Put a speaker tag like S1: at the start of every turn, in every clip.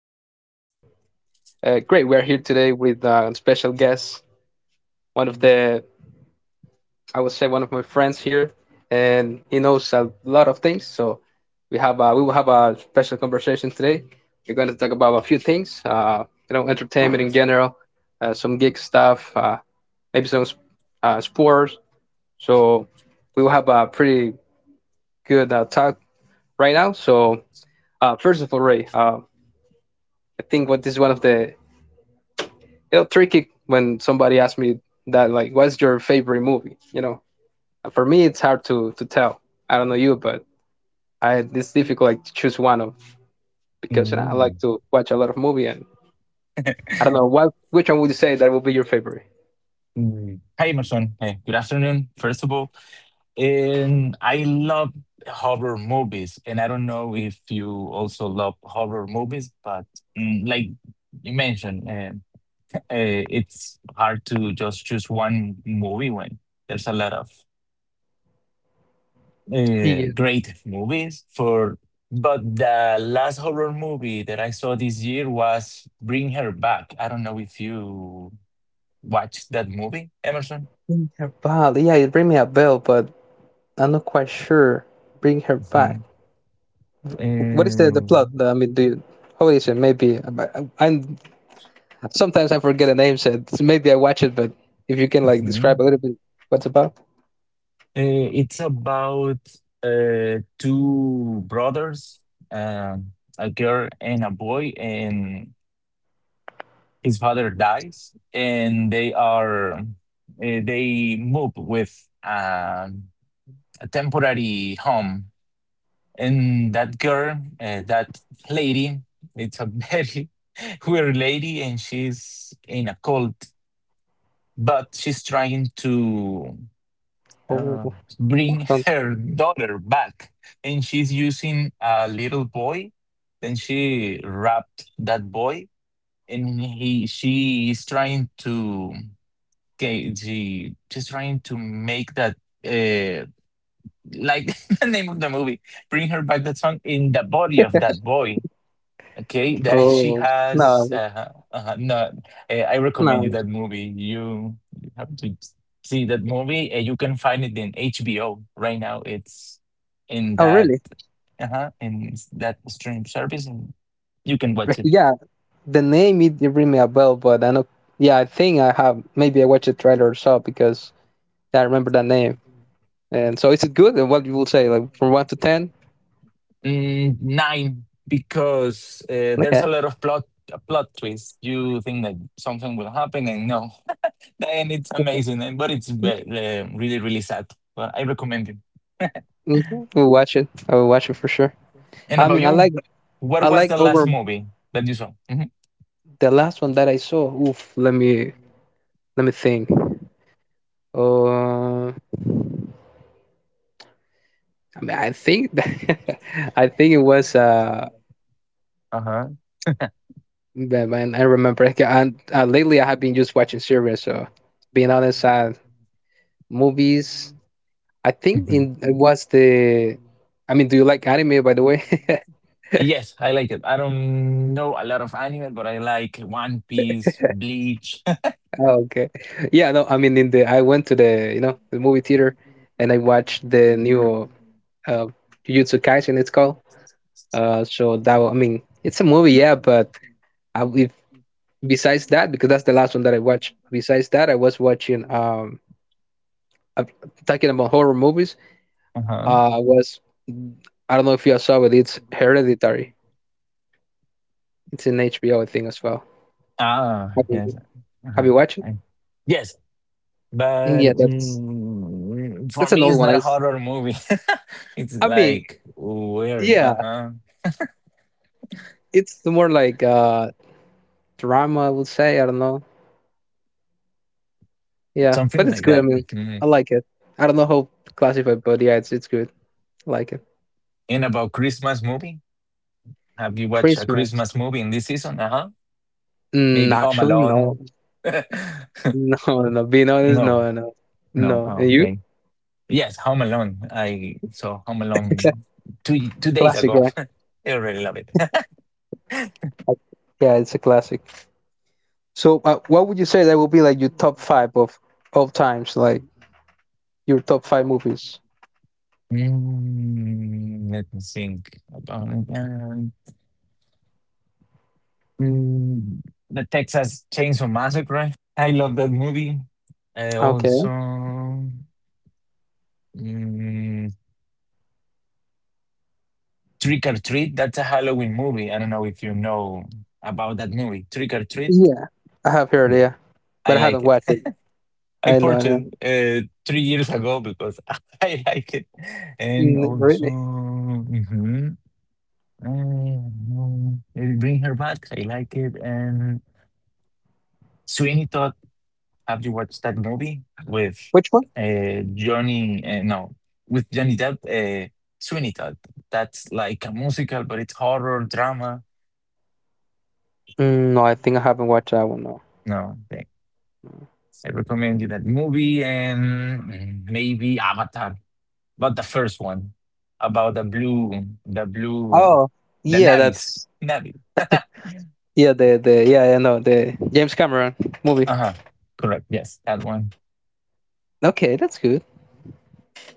S1: So, great. We're here today with a special guest, one of the, I would say, one of my friends here, and he knows a lot of things. So, we will have a special conversation today. We're going to talk about a few things, entertainment in general, some geek stuff, maybe some sports. So, we will have a pretty good talk right now. So, first of all, Ray, I think what is one of the tricky, when somebody asks me that, like, what's your favorite movie, for me it's hard to tell. I don't know you, but I it's difficult, like, to choose one of, because I
S2: Mm,
S1: like to watch a lot of movie, and I don't know what which one would you say that would be your favorite.
S2: mm. Hi, Emerson. Good afternoon. First of all, and I love horror movies, and I don't know if you also love horror movies, but like you mentioned, it's hard to just choose one movie when there's a lot of
S1: You
S2: great movies for. But the last horror movie that I saw this year was Bring Her Back. I don't know if you watched that movie, Emerson.
S1: bring her back. Yeah, you bring me a bell, but I'm not quite sure. Bring her
S2: Mm-hmm.
S1: back. What is the plot?
S2: And
S1: I mean, do you, how is it? Maybe I'm sometimes I forget the name. So maybe I watch it, but if you can, like, describe
S2: Mhm.
S1: a little bit what's about.
S2: It's about two brothers, um, a girl and a boy, and his father dies, and they move with a temporary home, and that girl, that lady, it's a very weird lady, and she's in a cult, but she's trying to. Uh,
S1: Oh,
S2: bring her daughter back, and she's using a little boy, then she wrapped that boy and he she is trying to. Okay, she's trying to make that uh like the name of the movie, Bring Her Back, that song in the body of that boy. Okay, that she
S1: Oh
S2: has.
S1: no,
S2: No, I recommend you
S1: no.
S2: that movie. You have to see that movie. You can find it in HBO right now. It's in
S1: Oh,
S2: that
S1: really?
S2: uh-huh, in that stream service, and you can watch it.
S1: Yeah, the name it ring me a bell, but I know. Yeah, I think I have. Maybe I watched a trailer or so because I remember that name. And so, is it good? And what you will say, like, from one to ten?
S2: Mm, nine, because there's a
S1: Okay,
S2: lot of plot plot twists. You think that something will happen, and no, and it's
S1: okay.
S2: amazing, and but it's really really sad. But I recommend it.
S1: We'll watch it. I will watch it for sure.
S2: And
S1: I
S2: about
S1: mean, I
S2: you,
S1: like,
S2: what
S1: I
S2: was the
S1: like
S2: last
S1: over
S2: movie that you saw? Hmm.
S1: the last one that I saw. Oof. Let me think. Uh, I mean, I think, I think it was.
S2: Uh huh.
S1: Yeah, man, I remember. Like, and lately, I have been just watching
S2: Hmm.
S1: series. So, being honest, movies. I think in it was the. I mean, do you like anime, by the way?
S2: Yes, I like it. I don't know a lot of anime, but I like One Piece, Bleach.
S1: Oh, okay. Yeah, no, I mean, in the I went to the you know the movie theater, and I watched the new uh, Jujutsu Kaisen. It's called. I mean, it's a movie, yeah, but if besides that, because that's the last one that I watched. Besides that, I was watching uh, talking about horror movies.
S2: Uh-huh.
S1: Was I don't know if you saw, but it's Hereditary. It's an HBO thing as well.
S2: Ah,
S1: Have
S2: yes.
S1: you,
S2: Uh-huh.
S1: have you watched it?
S2: I- Yes, but
S1: Yeah, that's
S2: for
S1: that's an
S2: me,
S1: old
S2: it's
S1: one.
S2: not a horror movie. It's
S1: I mean,
S2: like where,
S1: yeah,
S2: uh-huh,
S1: it's more like drama, I would say. I don't know. Yeah, but
S2: something
S1: it's
S2: like
S1: good. I
S2: that.
S1: mean, I
S2: Mm.
S1: like it. I don't know how to classify, it, but yeah, it's good. I like it.
S2: And about Christmas movie, have you watched a
S1: Christmas.
S2: Christmas movie in this season? Uh-huh. Maybe Home
S1: Actually, no,
S2: Alone.
S1: no, no. Being honest,
S2: No,
S1: no, no,
S2: no.
S1: no. And
S2: Oh,
S1: you?
S2: okay. Yes, Home Alone. I saw Home Alone two two days
S1: Classic,
S2: ago.
S1: right?
S2: I already love it.
S1: Yeah, it's a classic. So, what would you say that would be, like, your top five of all times, like your top five movies?
S2: Mm, let me think about it. Mm, the Texas Chainsaw Massacre. I love that movie. I also
S1: Okay.
S2: mm, Trick or Treat. That's a Halloween movie. I don't know if you know about that movie. Trick or Treat.
S1: Yeah, I have heard.
S2: Yeah,
S1: Yeah,
S2: I
S1: but I
S2: like
S1: haven't
S2: it.
S1: watched it.
S2: I
S1: I know.
S2: purchased three years ago because I like it, and
S1: Yeah.
S2: also
S1: Really?
S2: um, Bring Her Back. I like it. And so any thought, have you watched that movie with
S1: Which one?
S2: uh, Johnny? Uh, no, Johnny Depp. Sweeney Todd. That's like a musical, but it's horror drama.
S1: No, I think I haven't watched that one. No.
S2: No, thank- I recommend you that movie and maybe Avatar, but the first one, about the blue,
S1: Oh,
S2: the
S1: yeah.
S2: Navis,
S1: That's,
S2: Navi.
S1: yeah. The yeah. I know the James Cameron movie.
S2: Uh huh. Correct. Yes, that one.
S1: Okay, that's good.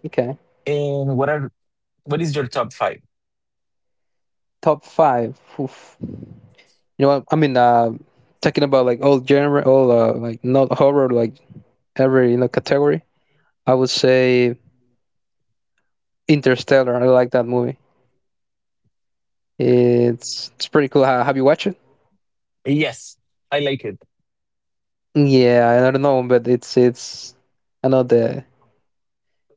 S1: Okay.
S2: And what are what is your top five?
S1: Top five. Oof. You know what? I mean, talking about, like, all genre, all like not horror, like every category. I would say Interstellar. I like that movie. It's pretty cool. Have you watched it?
S2: Yes, I like it.
S1: Yeah, I don't know, but it's I know the.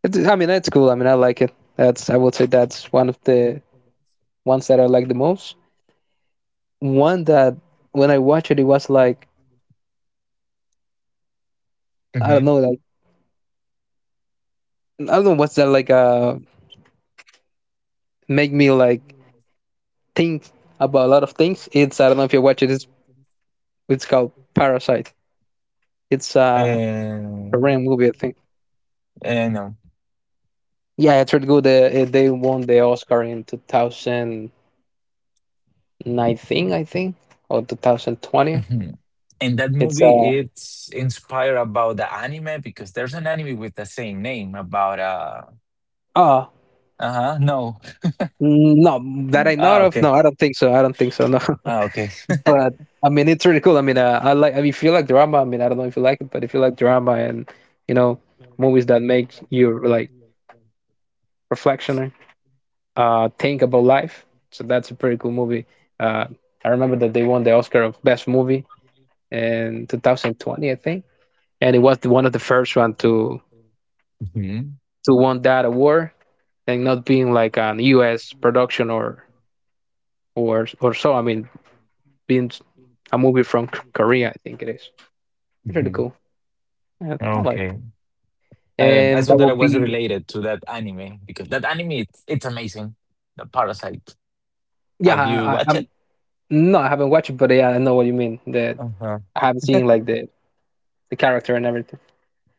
S1: It's, I mean, it's cool. I mean, I like it. That's, I would say that's one of the ones that I like the most. One that when I watched it, it was like, I don't know, like I don't know what's that like. Make me, like, think about a lot of things. It's, I don't know if you watch it. It's called
S2: Hmm.
S1: Parasite. It's a
S2: Uh,
S1: Korean movie, I think.
S2: no.
S1: Yeah, it's really good. They won the Oscar in 2000. 19, I think, or 2020.
S2: Mhm. And that
S1: It's
S2: movie, it's inspired about the anime, because there's an anime with the same name about
S1: uh
S2: uh-huh, no.
S1: no that I know
S2: Ah,
S1: of. No,
S2: okay.
S1: I don't think so. I don't think so. No,
S2: Ah, okay.
S1: but I mean it's really cool. I mean I like. I mean, if you like drama, I mean I don't know if you like it, but if you like drama and you know movies that make you, like, reflection, think about life. So that's a pretty cool movie. Uh, I remember that they won the Oscar of Best Movie in 2020, I think, and it was the, one of the first one to
S2: Mhm.
S1: to won that award, and not being like an U.S. production or so. I mean, being a movie from Korea, I think it is. Pretty
S2: Mhm.
S1: cool. Yeah, I like.
S2: Okay. I
S1: And
S2: saw
S1: that
S2: that
S1: will
S2: I was
S1: be,
S2: related to that anime because that anime it's amazing. The Parasite.
S1: yeah.
S2: Have you
S1: I,
S2: watched
S1: I'm
S2: it?
S1: no, I haven't watched it, but yeah, I know what you mean. That
S2: Uh-huh.
S1: I haven't seen, like, the character and everything.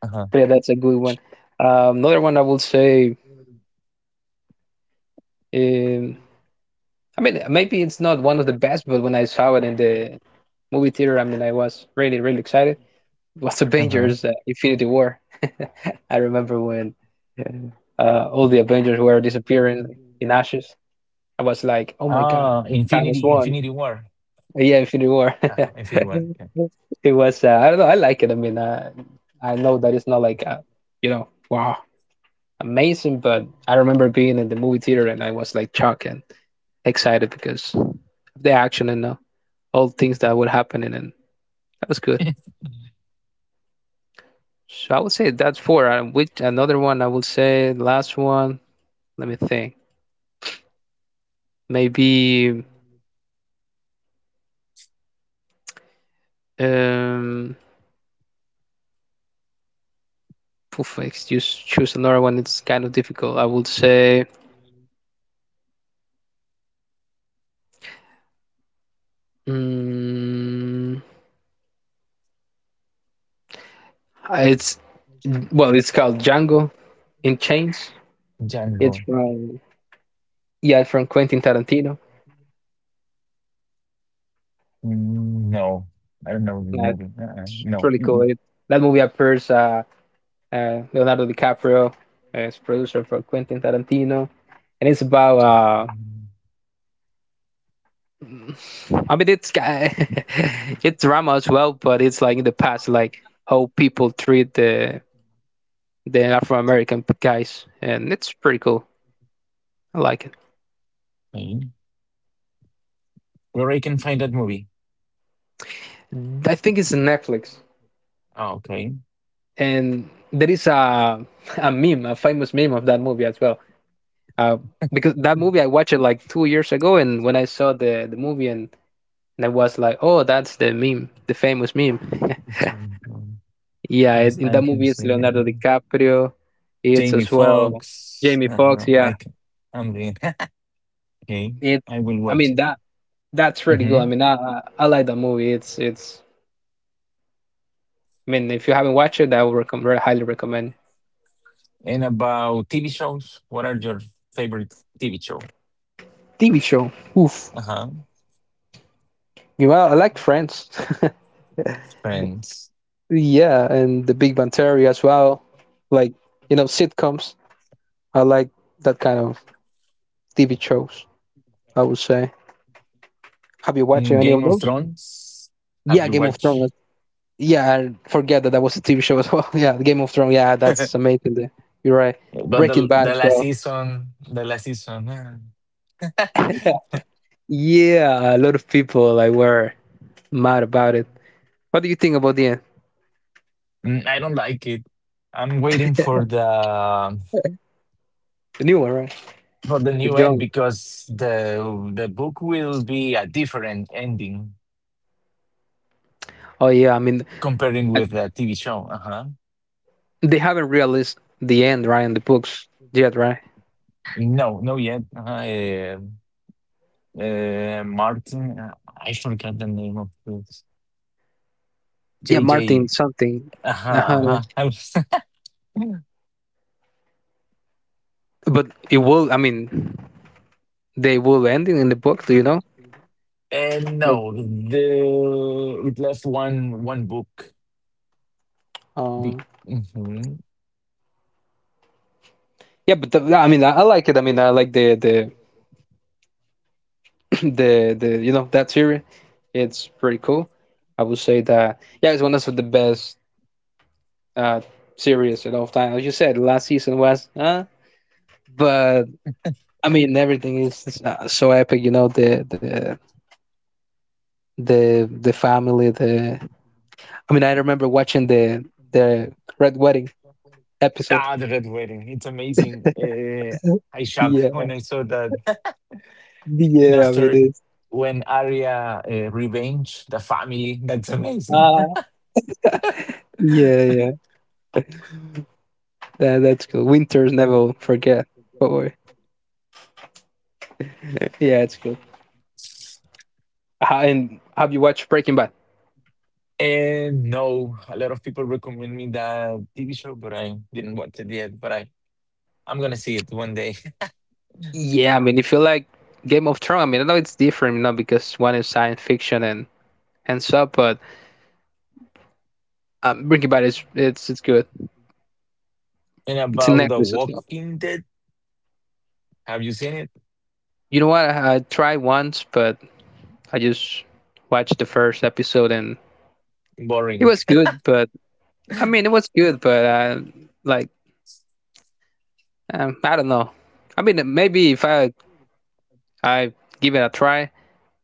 S2: Uh-huh.
S1: But yeah, that's a good one. Another one I would say. Um, I mean, maybe it's not one of the best, but when I saw it in the movie theater, I mean, I was really really excited was
S2: Uh-huh.
S1: Avengers Infinity War. I remember when all the Avengers were disappearing in ashes. I was like, oh my god, Thanos won.
S2: Infinity War.
S1: Yeah, Infinity War.
S2: Infinity War. Yeah.
S1: It was, I don't know, I like it. I mean, I know that it's not like, wow, amazing, but I remember being in the movie theater and I was like shocked and excited because of the action and all things that were happening, and that was good. So I would say that's four. And which another one I would say, last one. Let me think. Maybe um, poof, I choose another one. It's kind of difficult. I would say um, it's, well, it's called Django in Chains.
S2: Django.
S1: It's from, yeah, it's from Quentin Tarantino.
S2: Mm, no, I don't know the
S1: Yeah,
S2: movie. Uh-uh.
S1: it's
S2: No.
S1: really cool.
S2: Mm-mm.
S1: That movie appears Leonardo DiCaprio as producer for Quentin Tarantino, and it's about
S2: Mm,
S1: I mean it's it's drama as well, but it's like in the past, like how people treat the Afro American guys, and it's pretty cool. I like it.
S2: okay. Where I can find that movie?
S1: I think it's in Netflix,
S2: Oh, okay.
S1: and there is a meme, a famous meme of that movie as well. Uh, because that movie I watched it like 2 years ago, and when I saw the movie and I was like, oh, that's the meme, the famous meme.
S2: Django.
S1: Yeah,
S2: Yes,
S1: in
S2: I
S1: that
S2: can
S1: movie it's
S2: see it.
S1: Leonardo DiCaprio, it's
S2: Jamie
S1: as well
S2: Foxx.
S1: Jamie Foxx.
S2: Uh-huh,
S1: Yeah,
S2: I can, I'm doing okay.
S1: it's.
S2: I will
S1: I mean
S2: watch it.
S1: that that's pretty good. I
S2: Hmm.
S1: mean I like that movie. It's I mean, if you haven't watched it, I would recommend, very highly recommend.
S2: And about TV shows, what are your favorite TV show?
S1: TV show. Oof.
S2: Uh huh.
S1: You know, I liked Friends.
S2: Friends.
S1: Yeah, and The Big Bang Theory as well. Like, sitcoms. I like that kind of TV shows, I would say. Have you
S2: Mm,
S1: watched
S2: Game
S1: any of
S2: of
S1: those?
S2: Thrones. Have you
S1: Yeah, Game of
S2: watched?
S1: Thrones. Yeah, I forget that that was a TV show as well. Yeah, Game of Thrones. Yeah, that's amazing. You're right.
S2: But the
S1: Breaking
S2: the
S1: Bad as
S2: last
S1: well.
S2: season, the last season,
S1: Yeah. Yeah, a lot of people, like, were mad about it. What do you think about the end?
S2: I don't like it. I'm waiting for the
S1: The new one, right?
S2: for the
S1: The
S2: new end,
S1: young.
S2: because the book will be a different ending
S1: Oh yeah, I mean
S2: comparing
S1: I-
S2: with a TV show. Uh huh.
S1: they haven't realized the end, right, in the books yet, right?
S2: No, no yet. Martin, I forgot the name of this.
S1: Yeah,
S2: J. J.
S1: Martin something.
S2: Uh huh.
S1: Uh-huh,
S2: Uh
S1: yeah.
S2: huh. I was.
S1: But it will. I mean, they will end it in the book, do you know?
S2: And
S1: Like,
S2: no, the it left one book.
S1: uh,
S2: Be, Mhm.
S1: yeah, but I mean, I like it. I mean, I like the the that series. It's pretty cool. I would say that yeah, it's one of the best uh series of all time. As you said, last season was, but I mean, everything is so epic. You know, the family, the I mean, I remember watching the Red Wedding episode.
S2: Ah, the Red Wedding. It's amazing. I shocked when
S1: Yeah,
S2: I saw that. And
S1: yeah, I
S2: after
S1: mean it's
S2: when Arya revenge the family, that's amazing.
S1: ah, yeah, yeah. That's cool. Winters never forget. Oh, yeah, it's cool. And have you watched Breaking Bad?
S2: And no, a lot of people recommend me that TV show, but I didn't watch it yet. But I'm gonna see it one day.
S1: Yeah, I mean, if you like Game of Thrones, I mean, I know it's different, because one is science fiction and stuff, but Breaking Bad is it's good.
S2: And
S1: It's a
S2: about The
S1: necklace as well.
S2: Walking Dead, have you seen it?
S1: You know what? I tried once, but I just watched the first episode and it
S2: Boring.
S1: was good, but I mean, it was good, but like I don't know. I mean, maybe if I give it a try,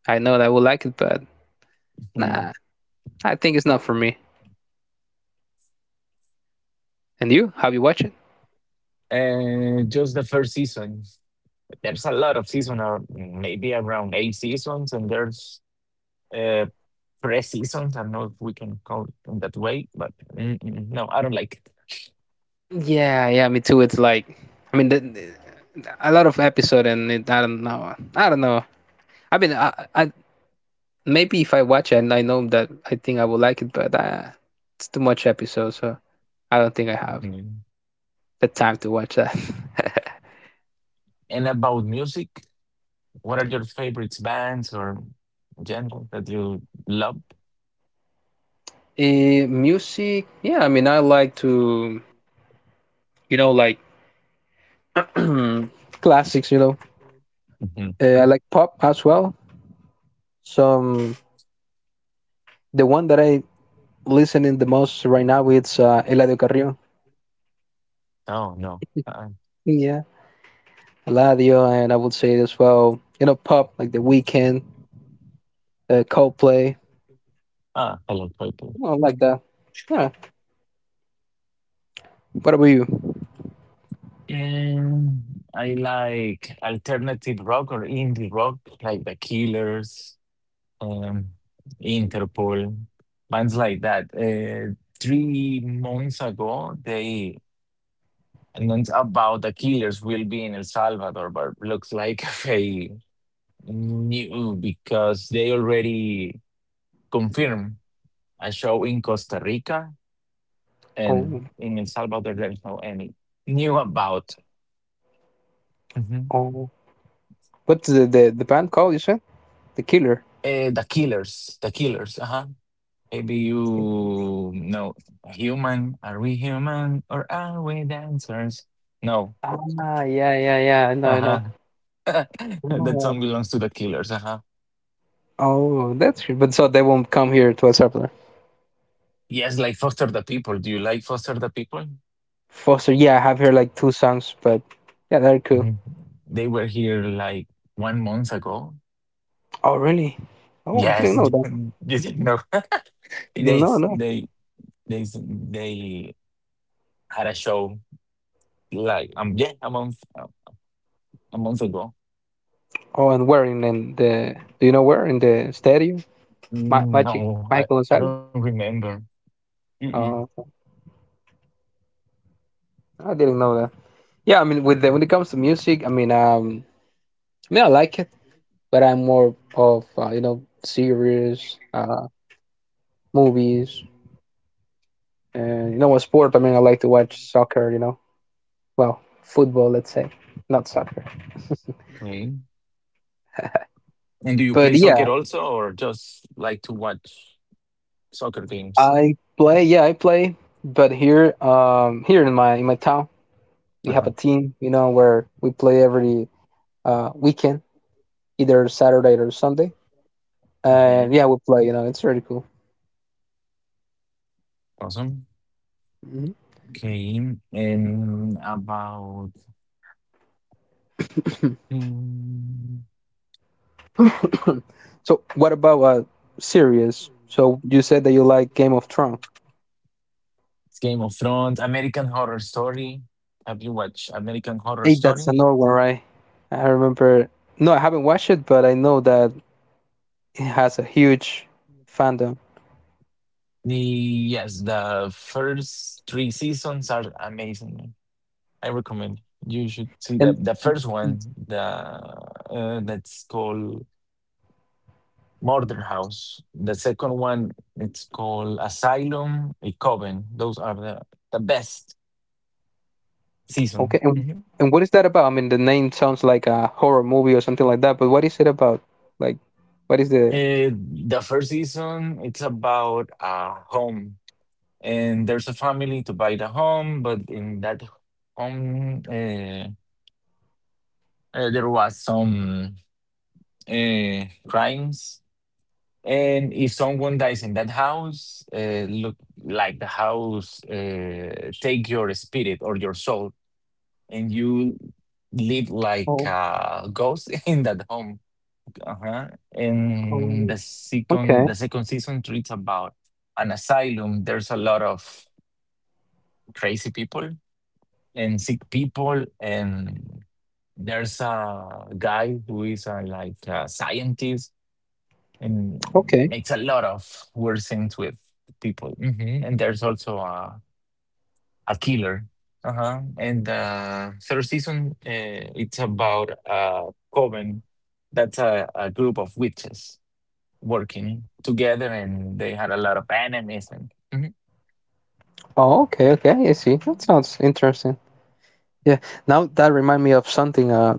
S1: I know that I will like it, but
S2: Mm.
S1: nah, I think it's not for me. And you? Have you watched it?
S2: And just the first season. There's a lot of season, or maybe around eight seasons, and there's uh, pre-seasons. I don't know if we can call it in that way, but no, I don't like it.
S1: Yeah, yeah, me too. It's like, I mean, a lot of episode, and it, I don't know. I don't know. I mean, I maybe if I watch it, and I know that I think I will like it, but it's too much episode, so I don't think I have
S2: Mhm.
S1: the time to watch that.
S2: And about music, what are your favorite bands or genre that you love?
S1: Music, yeah. I mean, I like to like classics.
S2: Mhm.
S1: I like pop as well. Some The one that I listening the most right now it's Eladio Carrillo.
S2: No, no.
S1: Yeah, Eladio, and I would say as well, you know, pop like The Weeknd, Coldplay,
S2: Hello, people.
S1: you know, like that. Yeah. What about you?
S2: And I like alternative rock or indie rock, like The Killers, um, Interpol, bands like that. Three months ago, they announced about The Killers will be in El Salvador, but looks like they knew because they already confirmed a show in Costa Rica, and
S1: Oh,
S2: in El Salvador, there's no any new about. Mhm.
S1: oh. What's the band called? You said the Killer.
S2: The Killers. Uh huh. Maybe you. No human. Are we human or are we dancers? No.
S1: Ah, yeah, yeah, yeah. I know,
S2: Uh
S1: I know.
S2: huh. That
S1: Oh,
S2: song belongs to The Killers. Uh huh.
S1: oh, that's, but so they won't come here to El Salvador.
S2: Yes, like Foster the People. Do you like Foster the People?
S1: Foster, yeah, I have heard like two songs, but yeah, they're cool.
S2: Mhm. They were here like one month ago.
S1: Oh, really? Oh, I
S2: Yes,
S1: didn't know that.
S2: you didn't know. they
S1: No,
S2: s-
S1: no.
S2: they they had a show like yeah, a month ago.
S1: Oh, and where in the? Do you know where in the stadium?
S2: Mm,
S1: Magic
S2: no,
S1: Michael
S2: I don't
S1: Gonzalez.
S2: remember. Mm-mm.
S1: Oh, I didn't know that. Yeah, I mean, when it comes to music, I mean, I mean, I like it, but I'm more of series, movies, and you know what sport. I mean, I like to watch soccer. You know, well, football, let's say, not soccer.
S2: Okay. And do you play
S1: But
S2: soccer also, or just like to watch soccer games?
S1: yeah, I play, but here, here in my town, we have
S2: Uh-huh.
S1: a team, you know, where we play every weekend, either Saturday or Sunday.
S2: Okay.
S1: And yeah, we play, you know, it's really cool.
S2: Awesome. Okay. And about
S1: Mhm.
S2: mm,
S1: So, what about series? So you said that you like Game of Thrones.
S2: Game of Thrones, American Horror Story. Have you watched American Horror
S1: Hey, that's
S2: Story?
S1: another one, right? I remember. No, I haven't watched it, but I know that it has a huge fandom.
S2: The Yes, the first three seasons are amazing. I recommend you should see the first one. The That's called Murder House. The second one it's called Asylum, a Coven. Those are the best
S1: Okay,
S2: season.
S1: and
S2: Mhm.
S1: what is that about? I mean, the name sounds like a horror movie or something like that, but what is it about? Like, what is the?
S2: Uh, the first season it's about a home, and there's a family to buy the home, but in that home, there was some. Crimes. And if someone dies in that house, look like the house take your spirit or your soul, and you live like
S1: Oh,
S2: a ghost in that home. Uh-huh. And
S1: oh. Okay,
S2: the second season treats about an asylum. There's a lot of crazy people and sick people, and there's a guy who is a, like a scientist, and
S1: okay.
S2: makes a lot of weird things with people. Hmm. And there's also a killer. Uh huh. And third season, it's about a coven. That's a group of witches working together, and they had a lot of enemies. And Mhm.
S1: Oh, okay, okay. I see. That sounds interesting. Yeah. Now that remind me of something.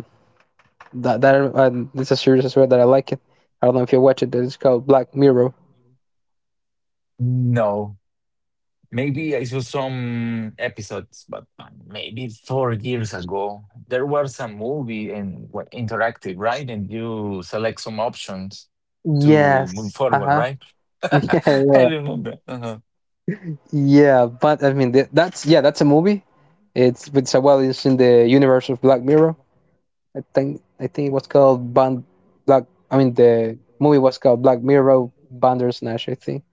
S1: That that It's a series as well that I like it. I don't know if you watch it. It's called Black Mirror.
S2: No, maybe I saw some episodes, but maybe four years ago, there was a movie and well, interactive, right? And you select some options to move
S1: Yes. Uh
S2: forward,
S1: huh.
S2: right?
S1: Yeah,
S2: I
S1: yeah,
S2: remember. Uh-huh.
S1: yeah. But I mean, that's, yeah, that's a movie. It's a well, it's in the universe of Black Mirror. I think it was called Band Black. I mean, the movie was called Black Mirror Bandersnatch. I think.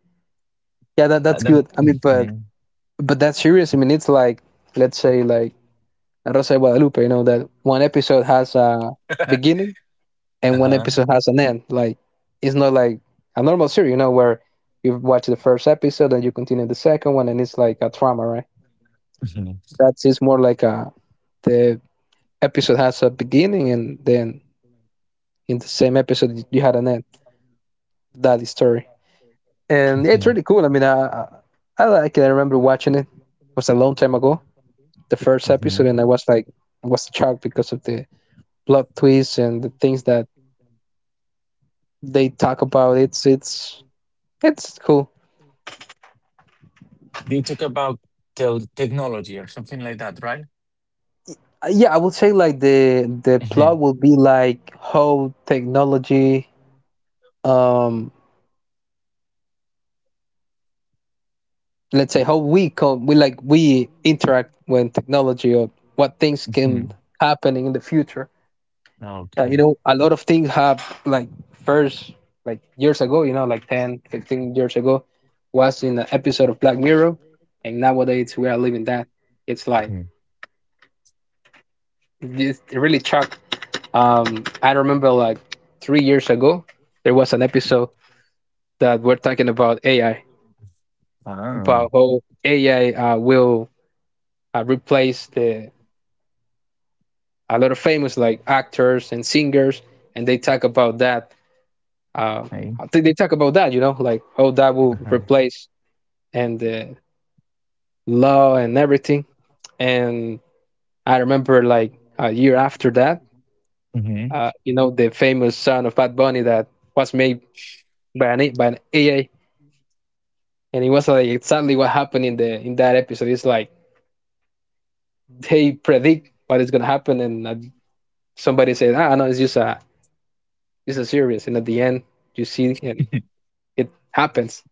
S1: Yeah, that's good. I mean, but
S2: Mhm.
S1: but that series. I mean, it's like let's say like La Rosa de Guadalupe. You know that one episode has a beginning and one
S2: Uh-huh.
S1: episode has an end. Like it's not like a normal series. You know where you watch the first episode and you continue the second one and it's like a drama, right?
S2: Mhm.
S1: That's it's more like a the episode has a beginning and then in the same episode you had an end. That is story. And yeah, it's
S2: Mhm.
S1: really cool. I mean, I like it. I remember watching it. It was a long time ago, the first episode,
S2: Mhm.
S1: and I was like, I was shocked because of the plot twists and the things that they talk about. It's cool.
S2: They talk about tel technology or something like that, right?
S1: Yeah, I would say like the plot
S2: Mhm.
S1: will be like how technology, um, let's say how we come, we like we interact when technology or what things can
S2: Mhm.
S1: happen in the future. Yeah, you
S2: Okay.
S1: know, a lot of things have like first, like years ago, you know, like 10, 15 years ago, was in an episode of Black Mirror, and nowadays we are living that. It's like,
S2: Mhm.
S1: it's really shocked. I remember like 3 years ago, there was an episode that we're talking about AI,
S2: Ah,
S1: about how AI will replace the a lot of famous like actors and singers, and they talk about that. Uh,
S2: okay.
S1: they talk about that, you know, like how that will
S2: Uh-huh.
S1: replace and the law and everything. And I remember like a year after that,
S2: Mhm.
S1: you know, the famous song of Bad Bunny that was made by an AA. And it was like exactly what happened in that episode. It's like they predict what is gonna happen, and somebody said, "Ah, no, it's just a series." And at the end, you see, and it happens.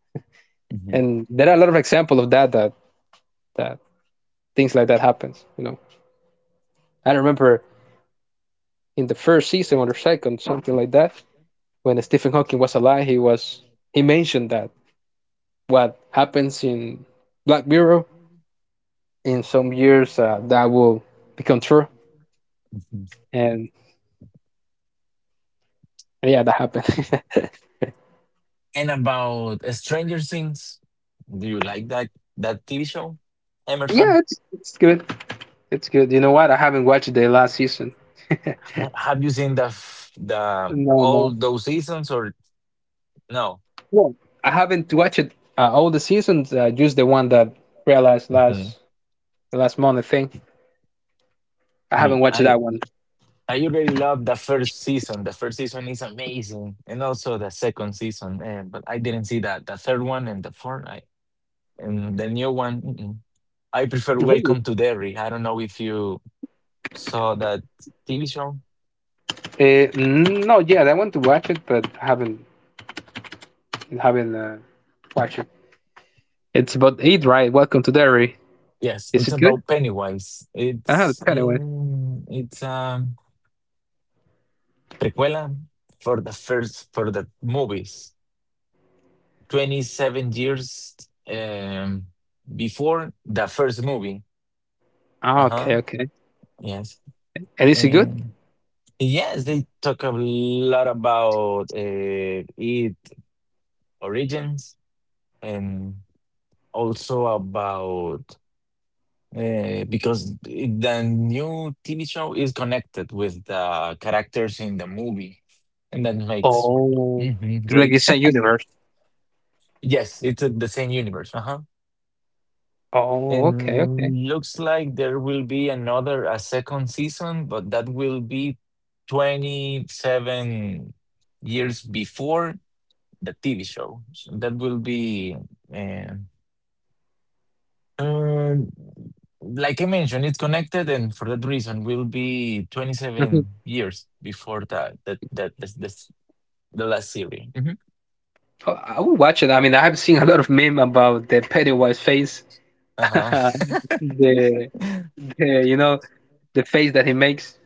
S1: And there are a lot of examples of that that things like that happens. You know, I remember in the first season or the second, something like that, when Stephen Hawking was alive, he mentioned that what happens in Black Mirror in some years that will become true,
S2: Mhm.
S1: and yeah, that happened.
S2: And about Stranger Things, do you like that TV show,
S1: Yeah,
S2: Emerson?
S1: it's good. It's good. You know what? I haven't watched the last season.
S2: Have you seen the f- the
S1: No, no.
S2: all those seasons or no?
S1: Well, I haven't watched all the seasons. Just the one that realized
S2: Mhm.
S1: last month, I think. I
S2: Hey,
S1: haven't watched
S2: I
S1: that one.
S2: already love the first season. The first season is amazing, and also the second season. But I didn't see that the third one and the fourth. And the new one. Mm-mm. I prefer
S1: Really?
S2: Welcome to Derry. I don't know if you saw that TV show.
S1: No, yeah, I want to watch it, but I haven't watched it. It's about eight, right? Welcome to Derry.
S2: Yes,
S1: Is
S2: it's
S1: it good?
S2: about Pennywise.
S1: Ah, the Pennywise.
S2: It's a prequela for the first for the movies. 27 years um, before the first movie. Uh
S1: Ah,
S2: huh.
S1: okay, okay.
S2: Yes.
S1: And is it good?
S2: Um, yes, they talk a lot about its origins and also about. Because the new TV show is connected with the characters in the movie, and that makes
S1: Oh,
S2: Mhm,
S1: it's like the
S2: great.
S1: same universe.
S2: Yes, it's the same universe. Uh-huh.
S1: Oh, okay, okay.
S2: And looks like there will be another, a second season, but that will be 27 years before the TV show. So that will be uh, Um, like I mentioned, it's connected, and for that reason, will be
S1: Mhm.
S2: 27 years before that that that this the last series. Hmm.
S1: Oh, I will watch it. I mean, I have seen a lot of meme about the Pennywise face,
S2: Uh huh.
S1: the, the you know the face that he makes,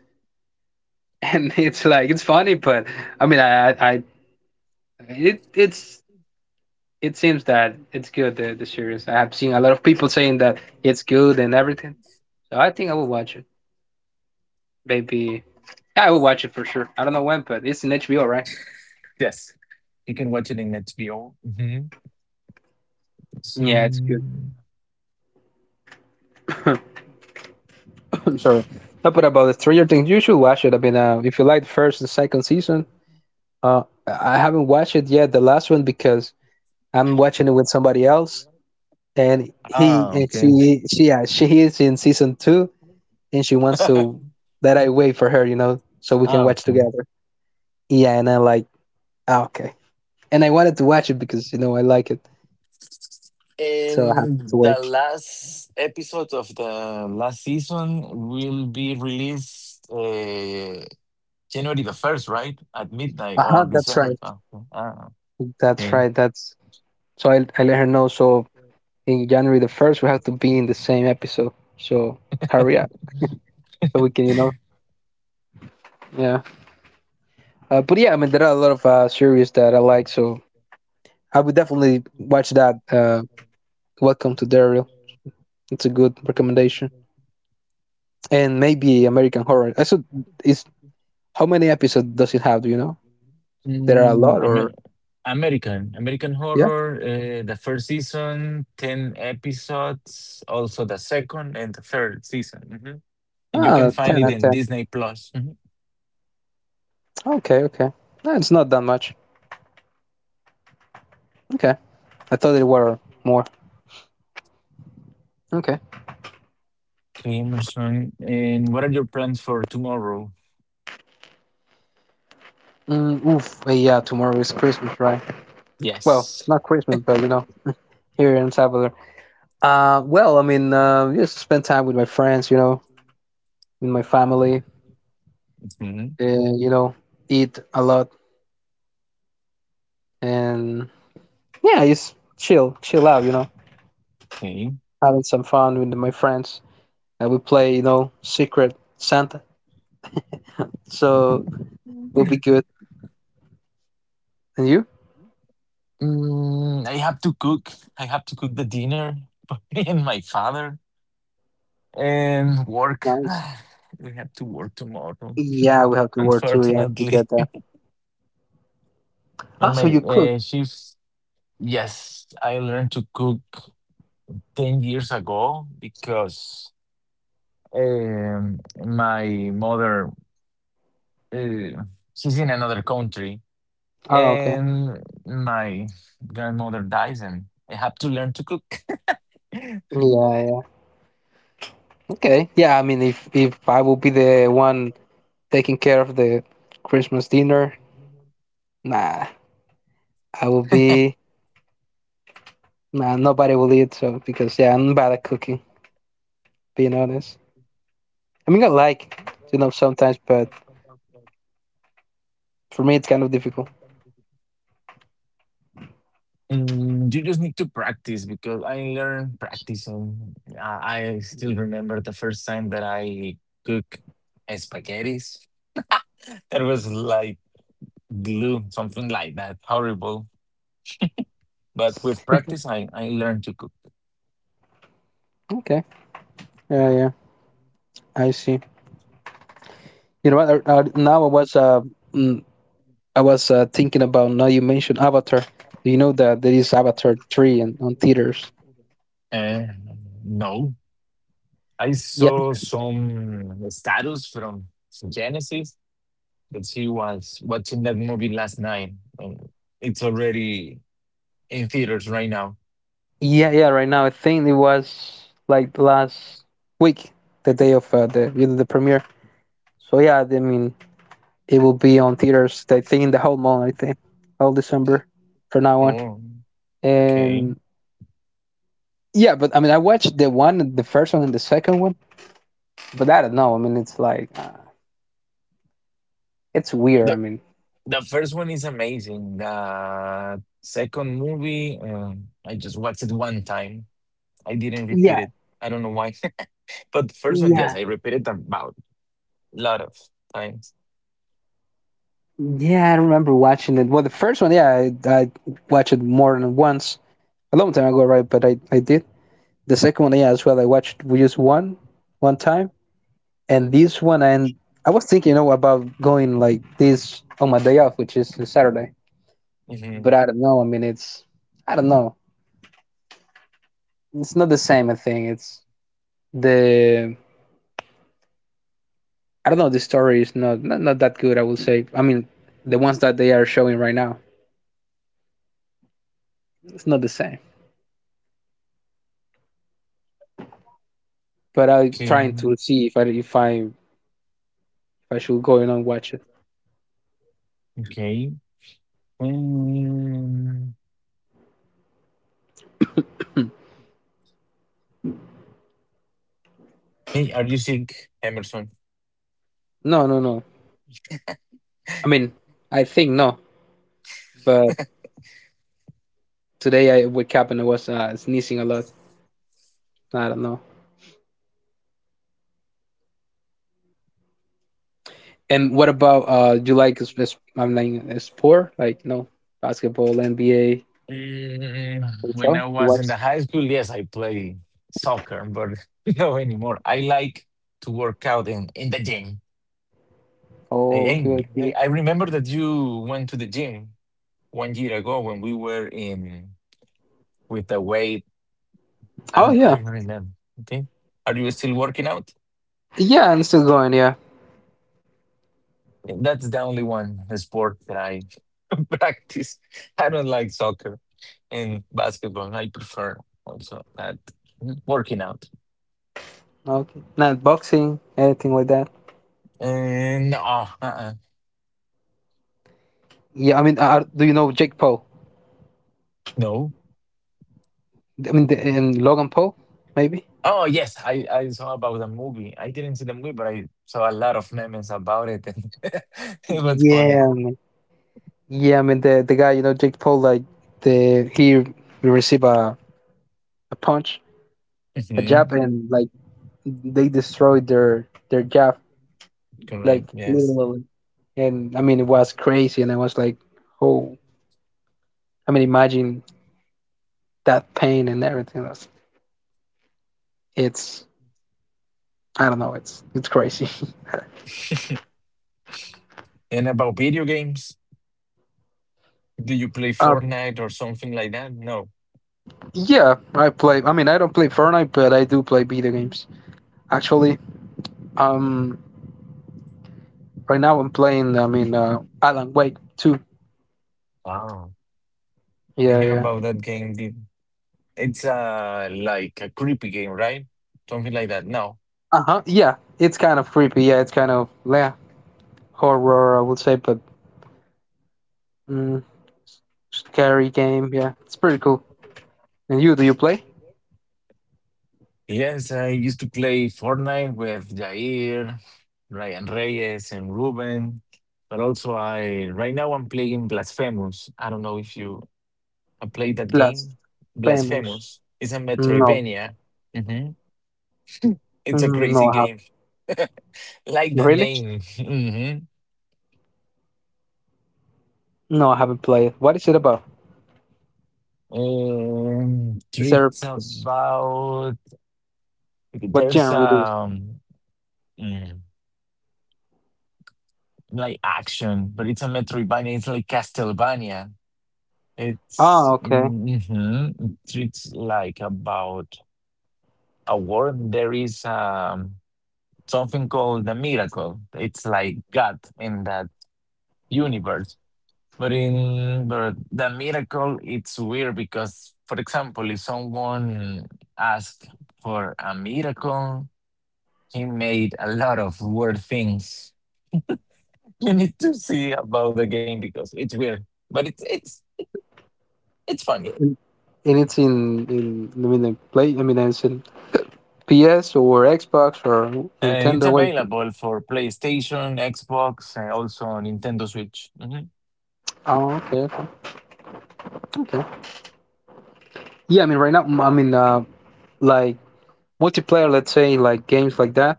S1: and it's like it's funny, but I mean, I it, it's it seems that it's good the series. I have seen a lot of people saying that it's good and everything, so I think I will watch it. Maybe. Yeah, I would watch it for sure. I don't know when, but it's in HBO, right?
S2: Yes, you can watch it in HBO. Mm-hmm.
S1: Yeah, it's good.
S2: Sing-
S1: I'm sorry. No, but about the Stranger Things, you should watch it. I mean, if you like the first and second season, I haven't watched it yet, the last one, because I'm watching it with somebody else, and he
S2: Ah,
S1: and
S2: okay.
S1: she yeah, she is in season 2, and she wants to that I wait for her, you know, so we can
S2: Ah,
S1: watch
S2: okay.
S1: together. Yeah, and I'm like, ah, okay. And I wanted to watch it because you know I like it, so I have to
S2: And the
S1: wait.
S2: last episode of the last season will be released January the 1st, right? At midnight
S1: Uh huh.
S2: or
S1: That's
S2: December.
S1: right.
S2: Ah, ah,
S1: That's
S2: okay.
S1: right. That's So I let her know. So in January the 1st, we have to be in the same episode. So hurry up so we can, you know, yeah. But yeah, I mean, there are a lot of series that I like. So I would definitely watch that. Welcome to Daryl. It's a good recommendation. And maybe American Horror. Is, how many episodes does it have? Do you know? There are a
S2: Mm,
S1: lot
S2: Amer-
S1: or,
S2: American. American
S1: yeah?
S2: Horror, the first season, 10 episodes, also the second and the third season. Mhm. And you can find
S1: 10
S2: it
S1: out of
S2: in
S1: 10.
S2: Disney Plus.
S1: Okay, okay. No, it's not that much. Okay. I thought there were
S2: Mhm.
S1: more. Okay.
S2: Okay, my son. And what are your plans for tomorrow?
S1: Mm, oof. But yeah, tomorrow is Christmas, right? Well,
S2: Yes.
S1: not Christmas, but you know, here in Salvador. Well, I mean, just spend time with my friends, you know, with my family,
S2: Mhm,
S1: and you know, eat a lot, and yeah, just chill, chill out, you know,
S2: okay.
S1: having some fun with my friends, and we play, you know, Secret Santa, so it'll be good. And you?
S2: Mm, I have to cook. I have to cook the dinner for me and my father, and work.
S1: Nice.
S2: We have to work tomorrow,
S1: Yeah, we have to work too. Yeah, to get
S2: unfortunately.
S1: that. Ah,
S2: But
S1: so
S2: my
S1: you cook?
S2: shift, yes, I learned to cook 10 years ago because my mother, uh, she's in another country.
S1: Oh, okay.
S2: And my grandmother dies and I have to learn to cook.
S1: Yeah, yeah. Okay. Yeah, I mean, if I will be the one taking care of the Christmas dinner, nah, I will be nah, nobody will eat so because yeah I'm bad at cooking. Being honest, I mean I like sometimes, but for me it's kind of difficult.
S2: You just need to practice because I learned practicing. I still remember the first time that I cook spaghettis. That was like glue, something like that. Horrible. But with practice, I learned to cook.
S1: Okay, yeah, yeah, I see. You know what? Now mm, I was thinking about now you mentioned Avatar. Do you know that there is Avatar 3 and on theaters?
S2: Uh, no. I
S1: Yeah,
S2: saw some status from Genesis that he was watching that movie last night. And it's already in theaters right now.
S1: yeah, yeah. Right now I think it was like last week, the day of the you know the premiere. So yeah, I mean it will be on theaters. I think in the whole month. I think all December for now on.
S2: Oh, okay.
S1: And yeah, but I mean, I watched the one, the first one, and the second one. But I don't know. I mean, it's weird. I
S2: The
S1: mean,
S2: the first one is amazing. The second movie, I just watched it one time. I didn't
S1: yeah,
S2: repeat it. I don't know why. But the first one, yes,
S1: yeah,
S2: I repeated about a lot of times.
S1: yeah. I remember watching it. Well, the first one, yeah, I watched it more than once a long time ago, right? But I did the second one, yeah, as well. I watched just one time, and this one, and I was thinking, you know, about going like this on my day off, which is Saturday.
S2: Hmm.
S1: But I don't know. I mean, it's I don't know. It's not the same. I think it's the I don't know. The story is not that good, I would say. I mean, the ones that they are showing right now, it's not the same. But I'm trying
S2: Okay.
S1: to see if I should go in and watch it.
S2: Okay. Um,
S1: Hmm.
S2: Hey, are you sick, Emerson?
S1: No, no, no. I mean, I think no. But today I wake up and I was sneezing a lot, I don't know. And what about Do you like I'm like sport? Like, no, basketball, NBA.
S2: When
S1: So
S2: I
S1: you
S2: was in
S1: watch?
S2: the high school, yes, I play soccer, but no anymore. I like to work out in the gym.
S1: Oh,
S2: I,
S1: good.
S2: I remember that you went to the gym 1 year ago when we were in with the weight. I
S1: Oh,
S2: don't I
S1: yeah,
S2: don't remember. Okay. Are you still working out?
S1: yeah, and still going. Yeah,
S2: That's the only one sport that I practice. I don't like soccer and basketball. I prefer also that working out.
S1: okay. Not boxing, anything like that.
S2: And no,
S1: Yeah, I mean, do you know Jake Paul?
S2: no.
S1: I mean, the, Logan Paul, maybe.
S2: Oh yes, I saw about the movie. I didn't see the movie, but I saw a lot of memes about it, and it was funny.
S1: Yeah, man, yeah. I mean, the guy, you know, Jake Paul, like the he received a punch, a jab,
S2: Hmm.
S1: and like they destroyed their jab, like
S2: Correct. Yes.
S1: literally. And I mean, it was crazy, and I was like, oh, I mean, imagine that pain and everything. That's it's I don't know, it's crazy.
S2: And about video games, do you play Fortnite or something like that? No.
S1: Yeah, I play. I mean, I don't play Fortnite, but I do play video games. Actually, um, right now I'm playing, I mean, Alan Wake 2.
S2: Wow. I
S1: Yeah,
S2: hear
S1: yeah.
S2: about that game. Did. It's like a creepy game, right? Something like that. No.
S1: Uh huh. Yeah, it's kind of creepy. Yeah, it's kind of, yeah, horror, I would say, but mm, scary game. Yeah, it's pretty cool. And you, do you play?
S2: Yes, I used to play Fortnite with Jair, Ryan Reyes, and Ruben. But also, I right now I'm playing Blasphemous. I don't know if you have played that
S1: Plus,
S2: game.
S1: famous.
S2: Blasphemous. It's a
S1: No.
S2: Metroidvania. Hmm. It's a
S1: Mm,
S2: crazy
S1: no, I have.
S2: game. Like the
S1: Really?
S2: name.
S1: No, I haven't
S2: hmm
S1: played. What is it about? Is there?
S2: It's about
S1: What
S2: there's
S1: genre it is?
S2: um mm, like action, but it's a Metroidvania. It's like Castlevania. It's
S1: Ah, okay.
S2: mm-hmm, it's like about a world. There is something called the miracle. It's like God in that universe. But the miracle, it's weird because, for example, if someone asks for a miracle, he made a lot of weird things. You need to see about the game because it's weird, but it's funny.
S1: And it's in I mean, like play, I mean, it's in PS or Xbox or
S2: It's
S1: Nintendo. Wait.
S2: available for PlayStation, Xbox, and also on Nintendo Switch. Mhm.
S1: Oh, okay, okay, okay. Yeah, I mean, right now, I mean, like multiplayer, let's say, like games like that.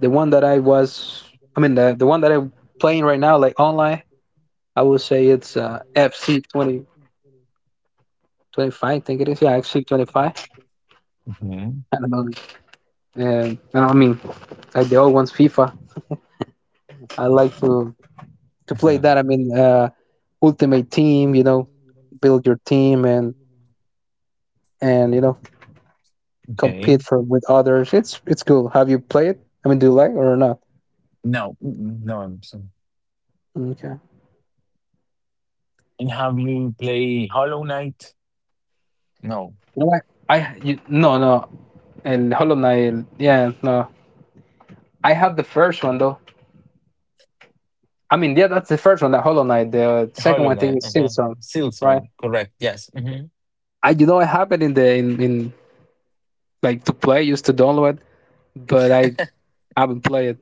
S1: The one that I was, I mean, the one that I'm playing right now, like online, I would say, it's FC twenty twenty five, I think it is. Yeah, FC 25,
S2: Mhm.
S1: I don't know. I don't I mean, like the old ones, FIFA. I like to
S2: Uh-huh.
S1: play that. I mean, Ultimate Team, you know, build your team and you know
S2: Okay.
S1: compete for with others. It's cool. Have you played? I mean, do you like or not?
S2: No, no, I'm sorry.
S1: Okay.
S2: And have you played Hollow Knight? No.
S1: No, I you, no, no. And Hollow Knight, yeah, no. I have the first one though. I mean, yeah, that's the first one, the Hollow Knight. The second one,
S2: Hollow
S1: I think,
S2: Knight.
S1: is
S2: Uh-huh.
S1: Silksong, right?
S2: Silksong. Correct. Yes. Hmm.
S1: I you know I have it in the in like to play, used to download, but I haven't played it.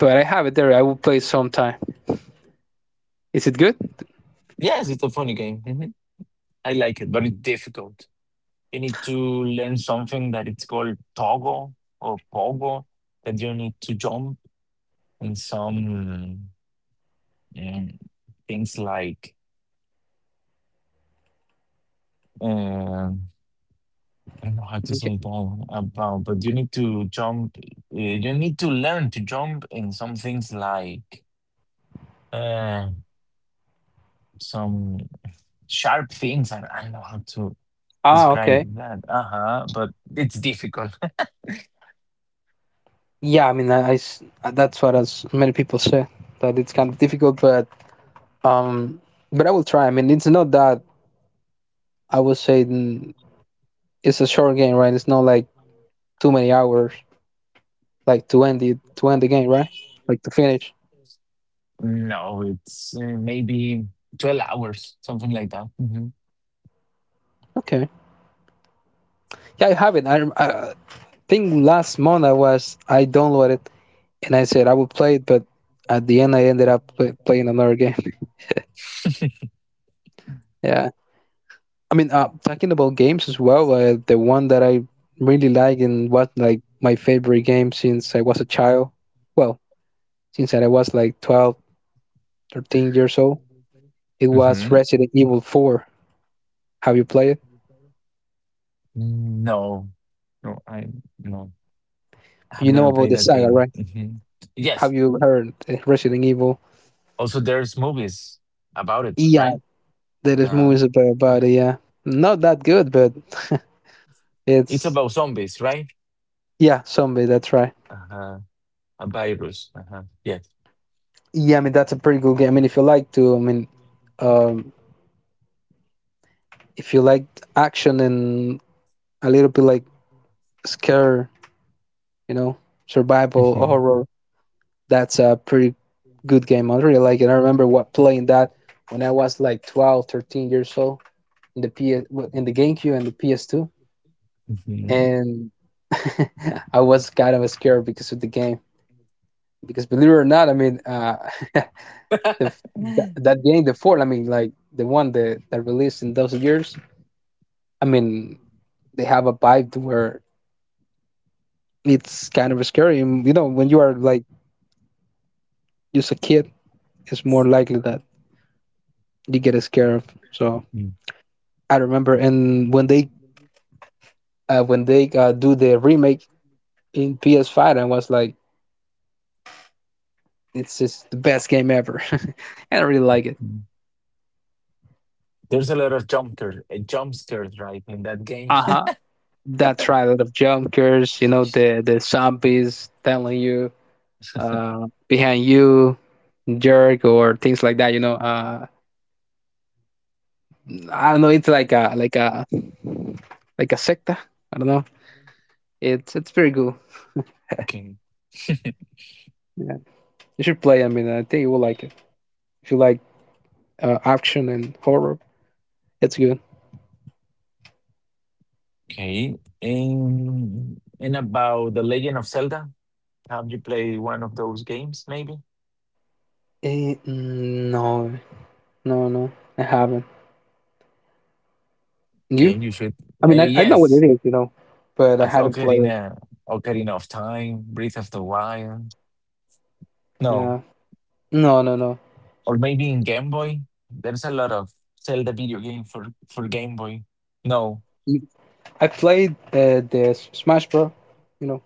S1: But I have it there. I will play sometime. Is it good?
S2: Yes, it's a funny game. Hmm. I like it, but it's difficult. You need to learn something that it's called toggle or pogo, that you need to jump in some um, things like um I don't know how to
S1: Okay.
S2: say it all about, but you need to jump. You need to learn to jump in some things like uh, some sharp things. I don't know how to
S1: Ah,
S2: describe
S1: okay.
S2: that. Uh huh. But it's difficult.
S1: Yeah, I mean, that's what as many people say, that it's kind of difficult, um, but I will try. I mean, it's not that I would say it's a short game, right? It's not like too many hours, like to end it, to end the game, right? Like to finish.
S2: No, it's maybe 12 hours, something like that. Hmm.
S1: Okay. Yeah, I have it. I think last month I was I downloaded and I said I would play it, but at the end I ended up playing another game. Yeah. I mean, talking about games as well, the one that I really like and was like my favorite game since I was a child. Well, since I was like 12, 13 years old, it was
S2: Hmm.
S1: Resident Evil 4. Have you played it?
S2: No, no, I no, I have
S1: You
S2: never
S1: know about
S2: played
S1: the
S2: that
S1: saga,
S2: game.
S1: right?
S2: Hmm. Yes.
S1: Have you heard Resident Evil?
S2: Also, there's movies about it,
S1: Yeah,
S2: right?
S1: there is
S2: Uh-huh.
S1: movies about it, yeah. Not that good, but
S2: It's
S1: it's,
S2: about zombies, right?
S1: yeah, zombie, that's right.
S2: Uh-huh. A virus. Uh-huh. Yes.
S1: Yeah, I mean, that's a pretty good game. I mean, if you like to, I mean, um, if you like action and a little bit like scare, you know, survival
S2: Hmm.
S1: horror. That's a pretty good game. I really like it. I remember what playing that when I was like 12, 13 years old in the PS, in the GameCube and the PS2,
S2: Hmm.
S1: and I was kind of scared because of the game. Because believe it or not, I mean, the, that game, the fourth, I mean, like the one that released in those years, I mean, they have a vibe where it's kind of scary. You know, when you are like just a kid, it's more likely that you get scared of. So I remember, and when they do the remake in PS5, I was like, it's just the best game ever, and I really like it.
S2: Mhm. There's a lot of jump scare, jump scares, right, in that game.
S1: Uh huh. That triad of junkers, you know, the zombies telling you behind you, jerk, or things like that. You know, I don't know. It's like a like a secta. I don't know. It's very good.
S2: Okay.
S1: Yeah, you should play. I mean, I think you will like it. If you like action and horror, it's good.
S2: Okay. And about The Legend of Zelda, have you played one of those games? Maybe.
S1: Eh, mm, no, no, no, I haven't. You?
S2: Okay, you should.
S1: I mean, I know what it
S2: Yes,
S1: is, you know, but I
S2: as
S1: haven't played it.
S2: Ocarina of Time, Breath of the Wild. No,
S1: Yeah. No, no, no.
S2: or maybe in Game Boy. There's a lot of Zelda video game for Game Boy. No,
S1: Mm, I played Smash Bros., you know.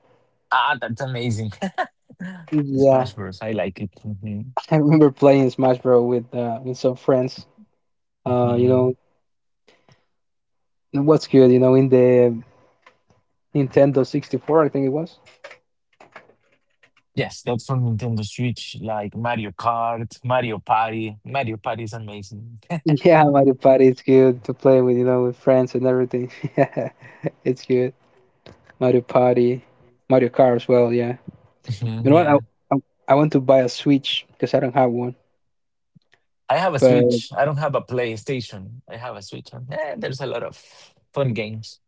S2: ah, that's amazing.
S1: Yeah,
S2: Smash Bros. I like it. Mhm.
S1: I remember playing Smash Bros. With some friends. You
S2: Mhm.
S1: know, what's good, you know, in the Nintendo 64, I think it was.
S2: Yes, that's on Nintendo Switch, like Mario Kart, Mario Party. Mario Party is amazing.
S1: Yeah, Mario Party is good to play with, you know, with friends and everything. Yeah, it's good. Mario Party, Mario Kart as well, yeah. You
S2: Mhm,
S1: know what?
S2: yeah.
S1: I I want to buy a Switch because I don't have one.
S2: I have a
S1: But
S2: Switch. I don't have a PlayStation. I have a Switch. There's a lot of fun games.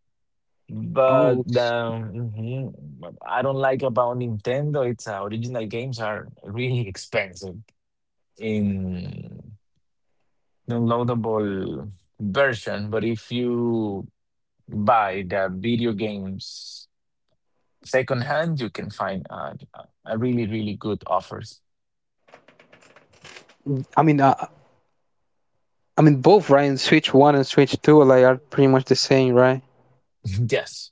S2: But
S1: oh,
S2: what I don't like about Nintendo, its original games are really expensive in downloadable version. But if you buy the video games secondhand, you can find a really good offers.
S1: I mean, uh, I mean both, right? And Switch One and Switch Two, like, are pretty much the same, right?
S2: Yes.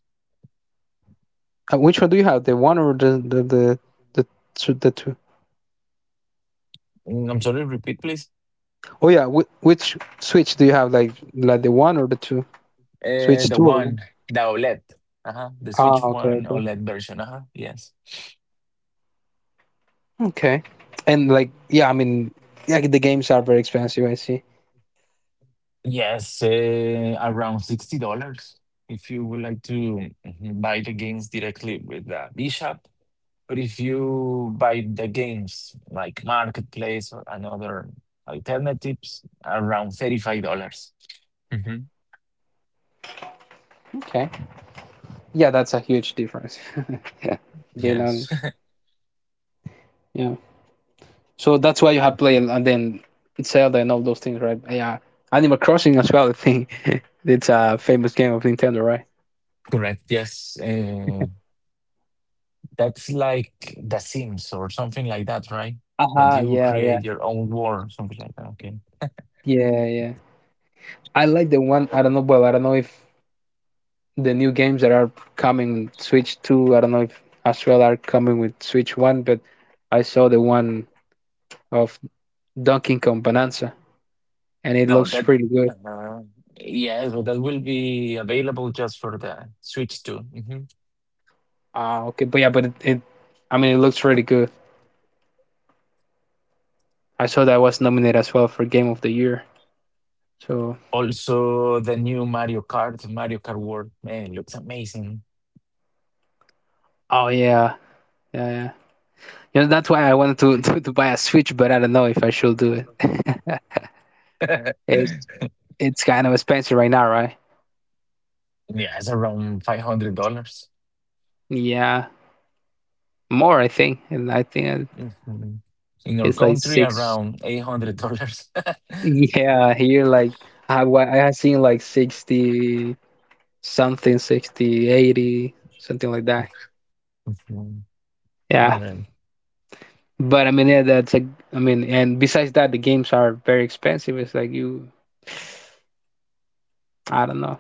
S1: Which one do you have? The one or the, the two?
S2: I'm sorry, repeat, please.
S1: Oh yeah, which Switch do you have? Like the one or the two? Switch
S2: Uh, the
S1: Two or
S2: one,
S1: one?
S2: the OLED. Uh-huh. The
S1: Ah,
S2: Switch
S1: okay,
S2: One
S1: okay,
S2: OLED version. Uh-huh. Yes.
S1: okay. And like, yeah, I mean, yeah, the games are very expensive. I see.
S2: Yes, around $60 if you would like to buy the games directly with Bishop. But if you buy the games like Marketplace or another alternatives, around $35. Dollars Hmm.
S1: Okay. Yeah, that's a huge difference. Yeah, being on,
S2: Yes.
S1: yeah. So that's why you have played and then it's Zelda and all those things, right? Yeah, Animal Crossing as well, I think. It's a famous game of Nintendo, right?
S2: Correct. Yes. That's like The Sims or something like that, right? That
S1: Aha,
S2: you
S1: yeah, yeah,
S2: create your own world, something like that. Okay.
S1: yeah, yeah. I like the one. I don't know. Well, I don't know if the new games that are coming Switch Two, I don't know if as well are coming with Switch One, but I saw the one of Donkey Kong Bonanza, and it
S2: No,
S1: looks
S2: that.
S1: pretty good.
S2: Uh, yeah, so that will be available just for the Switch too. Hmm.
S1: Ah, okay, but yeah, but I mean, it looks really good. I saw that was nominated as well for Game of the Year. So,
S2: Also, the new Mario Kart, Mario Kart World, man, looks amazing.
S1: oh yeah, yeah, yeah. You know, that's why I wanted to, to buy a Switch, but I don't know if I should do it.
S2: Yeah,
S1: it's it's kind of expensive right now, right?
S2: it's around $500.
S1: Yeah, more I think, and I think
S2: Mm-hmm. In our
S1: it's like
S2: country,
S1: six.
S2: around $800.
S1: Yeah, here like I have seen like 60 something, 60, 80 something like that.
S2: Mhm. All
S1: Yeah,
S2: right.
S1: but I mean, yeah, that's a, I mean, and besides that, the games are very expensive. It's like you, I don't know,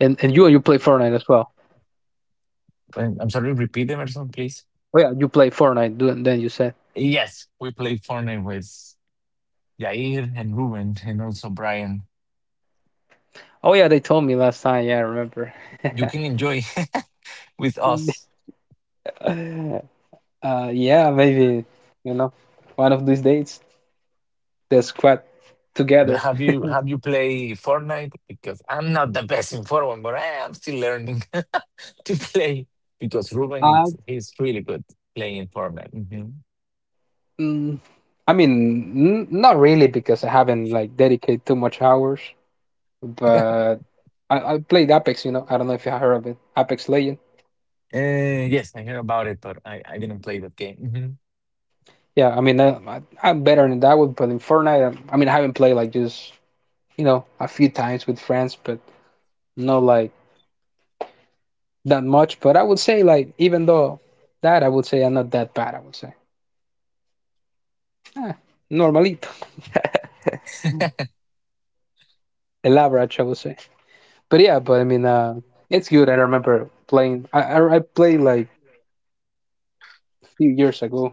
S1: and you play Fortnite as well.
S2: I'm sorry, repeat them, Emerson, please.
S1: Oh yeah, you play Fortnite, then you said.
S2: Yes, we play Fortnite with Yair and Ruben and also Brian.
S1: Oh yeah, they told me last time. Yeah, I remember.
S2: You can enjoy with us.
S1: Yeah, maybe you know one of these days the squad
S2: But
S1: together.
S2: have you play Fortnite? Because I'm not the best in Fortnite, but I am still learning to play because Ruben
S1: Uh,
S2: is he's really good playing Fortnite. Mhm.
S1: mm, I mean, not really, because I haven't like dedicated too much hours, but I played Apex. You know, I don't know if you heard of it, Apex Legend.
S2: Yes, I heard about it, but I didn't play that game. Mhm.
S1: Yeah, I mean, I'm better in that one, but in Fortnite, I mean, I haven't played, like, just you know a few times with friends, but no like that much, but I would say, like, even though that I would say I'm not that bad. I would say eh, normalito, el average, I would say. But yeah, but I mean, it's good. I remember playing. I played like a few years ago.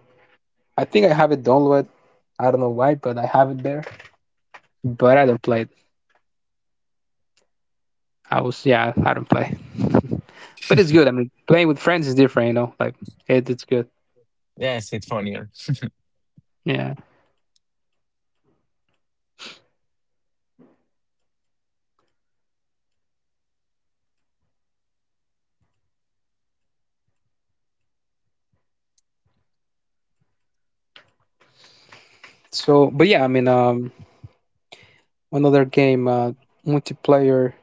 S1: I think I have it downloaded. I don't know why, but I have it there. But I don't play it. I was yeah, I don't play. But it's good. I mean, playing with friends is different, you know. Like it, it's good.
S2: Yes, it's funnier.
S1: Yeah. So, but yeah, I mean, another game, multiplayer.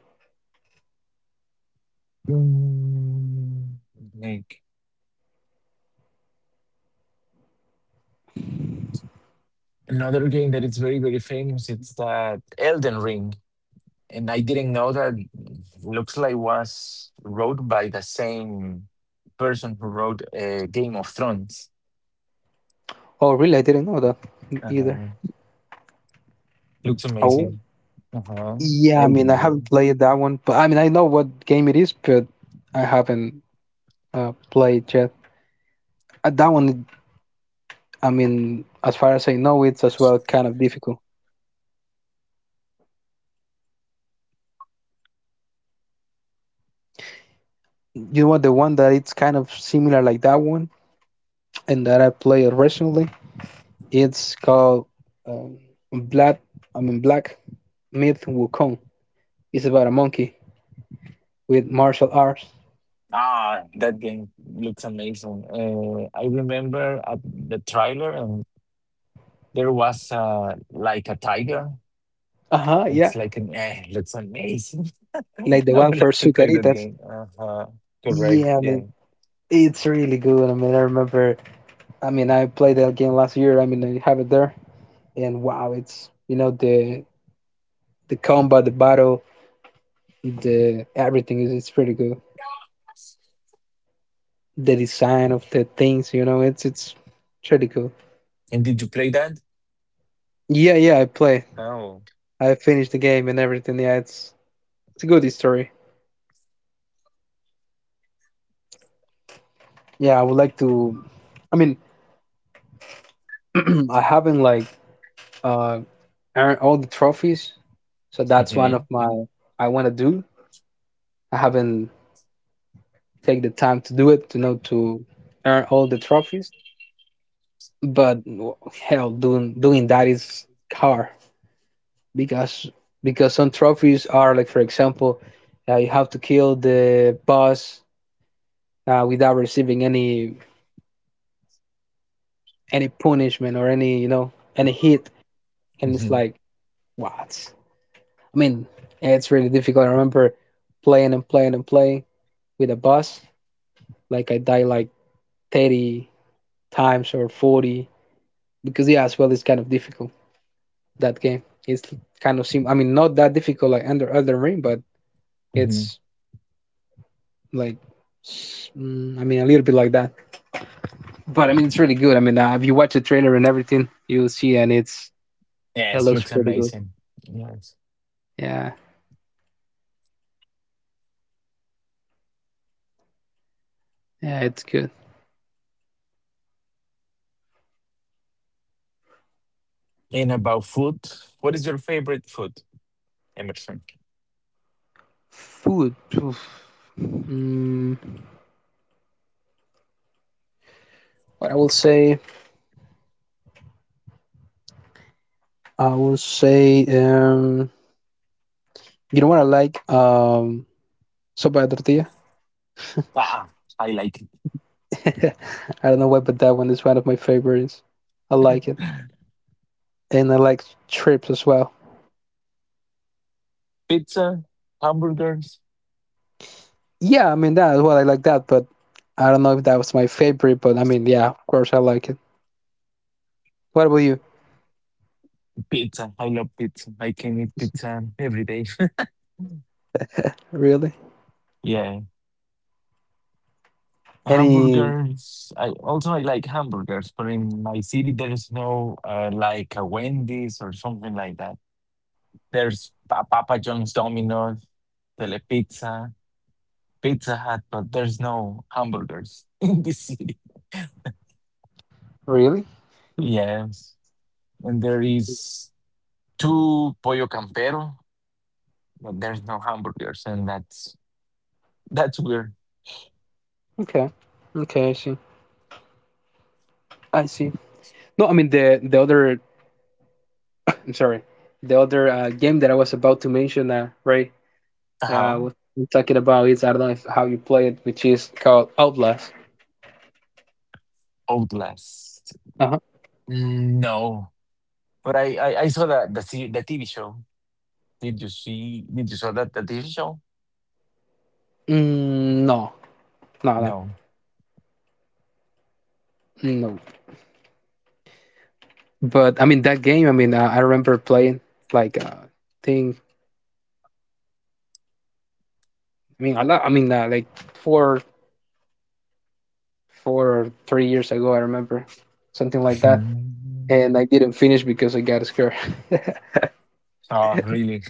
S2: Mm, Like Another game that is very famous, it's that Elden Ring. And I didn't know that looks like was wrote by the same person who wrote Game of Thrones.
S1: Oh, really? I didn't know that either.
S2: Uh-huh. Looks
S1: Oh,
S2: amazing. Uh-huh.
S1: yeah. I mean,
S2: Elden
S1: I haven't
S2: Ring.
S1: played that one, but I mean, I know what game it is, but I haven't played yet. That one, I mean, as far as I know, it's as well kind of difficult. You know what? The one that it's kind of similar like that one, and that I played recently, it's called um, Black. I mean, Black Myth Wukong. It's about a monkey with martial arts.
S2: Ah, that game looks amazing. I remember at the trailer, and there was like a tiger.
S1: Uh huh.
S2: It's
S1: Yeah,
S2: like an looks amazing.
S1: like the
S2: I
S1: one
S2: would
S1: for
S2: love to play that
S1: Sucaritas.
S2: game. Uh-huh. Correct.
S1: Yeah, I
S2: Yeah.
S1: mean. It's really good. I mean, I remember. I mean, I played that game last year. I have it there, and wow, it's the combat, the battle, the everything is it's pretty good. The design of the things, you know, it's pretty cool.
S2: And did you play that?
S1: Yeah, yeah, I play.
S2: Oh.
S1: I finished the game and everything. Yeah, it's a good story. Yeah, I would like to. I mean, I haven't like uh earned all the trophies, so that's one of
S2: Hmm.
S1: my I want to do. I haven't take the time to do it, to earn all the trophies. But hell, doing that is hard because some trophies are like, for example, you have to kill the boss without receiving any punishment or any any hit, and it's
S2: Hmm.
S1: like what? I mean, it's really difficult. I remember playing and playing and playing with a boss. Like I died like 30 times or 40 because yeah, as well, it's kind of difficult. That game. It's kind of sim. I mean, Not that difficult like Under Elden Ring, but
S2: Hmm.
S1: it's like, a little bit like that. It's really good. If you watch the trailer and everything, you'll see, and it
S2: Yes,
S1: looks
S2: looks
S1: pretty good.
S2: amazing. Yes.
S1: Yeah, yeah, it's good.
S2: And about food, what is your favorite food, Emerson?
S1: Food. Mm, what I will say, I will say, um, you know what I like? Sopa de tortilla.
S2: Ah, I like
S1: I don't know why, but that one is one of my favorites. I like it, and I like trips as well.
S2: pizza, hamburgers,
S1: Yeah, I mean that well. I like that, but I don't know if that was my favorite. Yeah, of course I like it. What about you?
S2: pizza. I love pizza. I can eat pizza every day.
S1: Really?
S2: Yeah.
S1: Any?
S2: Hamburgers. I like hamburgers, but in my city there is no like a Wendy's or something like that. There's Papa John's, Domino's, Telepizza, Pizza Hut, but there's no hamburgers in this city.
S1: Really?
S2: Yes, and there is two Pollo Campero, but there's no hamburgers, and that's weird.
S1: Okay. Okay, I see. I see. No, I mean the other. I'm sorry. The other game that I was about to mention, right?
S2: Uh huh.
S1: What I'm talking about is I don't know if, how you play it, which is called Outlast.
S2: Outlast.
S1: Uh huh.
S2: No, but I saw the TV show. Did you see? Did you saw that TV show?
S1: Mm, no, no,
S2: No.
S1: no, no. But I mean that game. I remember playing like thing a lot. Like four, four or three years ago, I remember something like that, and I didn't finish because I got scared.
S2: Oh, really?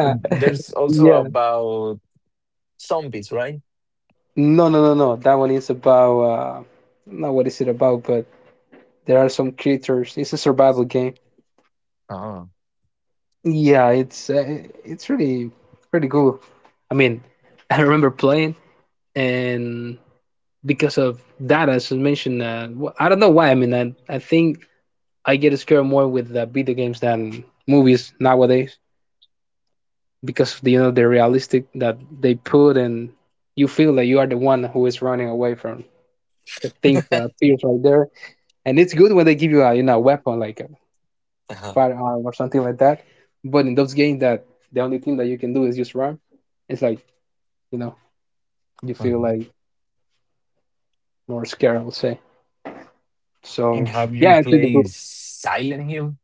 S2: But there's also
S1: yeah.
S2: about zombies, right?
S1: No, no, no, no. That one is about not what is it about, but there are some creatures. It's a survival game.
S2: Oh.
S1: Yeah, it's really pretty cool. I mean, I remember playing, and because of that, as I mentioned, I don't know why. I think I get scared more with the video games than movies nowadays because the realistic that they put and you feel that you are the one who is running away from the thing that appears right there. And it's good when they give you a weapon like a firearm or something like that. But in those games that the only thing that you can do is just run, it's like you know you feel
S2: Mhm.
S1: like more scared. I would say.
S2: And
S1: So
S2: have
S1: yeah,
S2: you
S1: I think the
S2: played
S1: book.
S2: Silent Hill?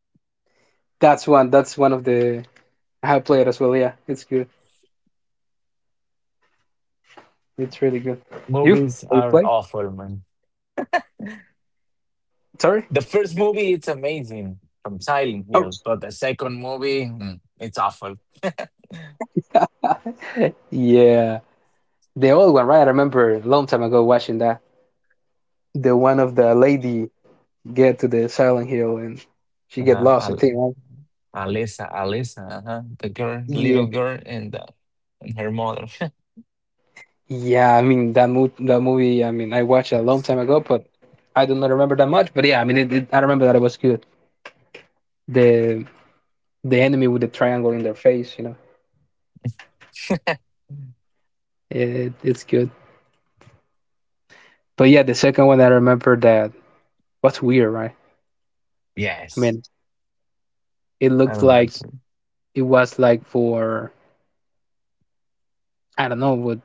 S1: That's one. That's one of the I have played as well. Yeah, it's good. It's really good. You?
S2: Movies
S1: You
S2: are
S1: play?
S2: awful, man.
S1: Sorry.
S2: The first movie it's amazing from Silent
S1: Oh,
S2: Hill, but the second movie it's awful.
S1: yeah. The old one, right? I remember a long time ago watching that. The one of the lady get to the Silent Hill and she get
S2: Uh-huh.
S1: lost, I think, right?
S2: Alisa, uh-huh, the girl,
S1: Yeah.
S2: little girl, and her mother.
S1: Yeah, that movie, I watched it a long time ago, but I do not remember that much. But yeah, I remember that it was good. The the enemy with the triangle in their face, you know. It's good. But yeah, the second one I remember that was weird, right? I
S2: Yes,
S1: mean, it
S2: I
S1: looked
S2: don't
S1: like
S2: like it.
S1: it was like for I don't know, with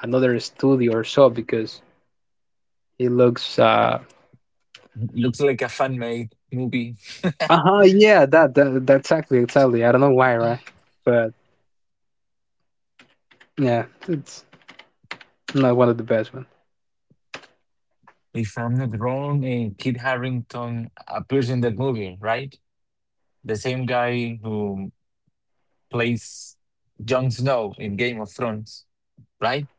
S1: another studio or so because he looks
S2: Looks like a fan made movie.
S1: uh-huh, yeah, that exactly, exactly. I don't know why, right? But yeah, it's not one of the best one.
S2: If I'm not wrong, Kit Harington appears in that movie, right? The same guy who plays Jon Snow in Game of Thrones, right?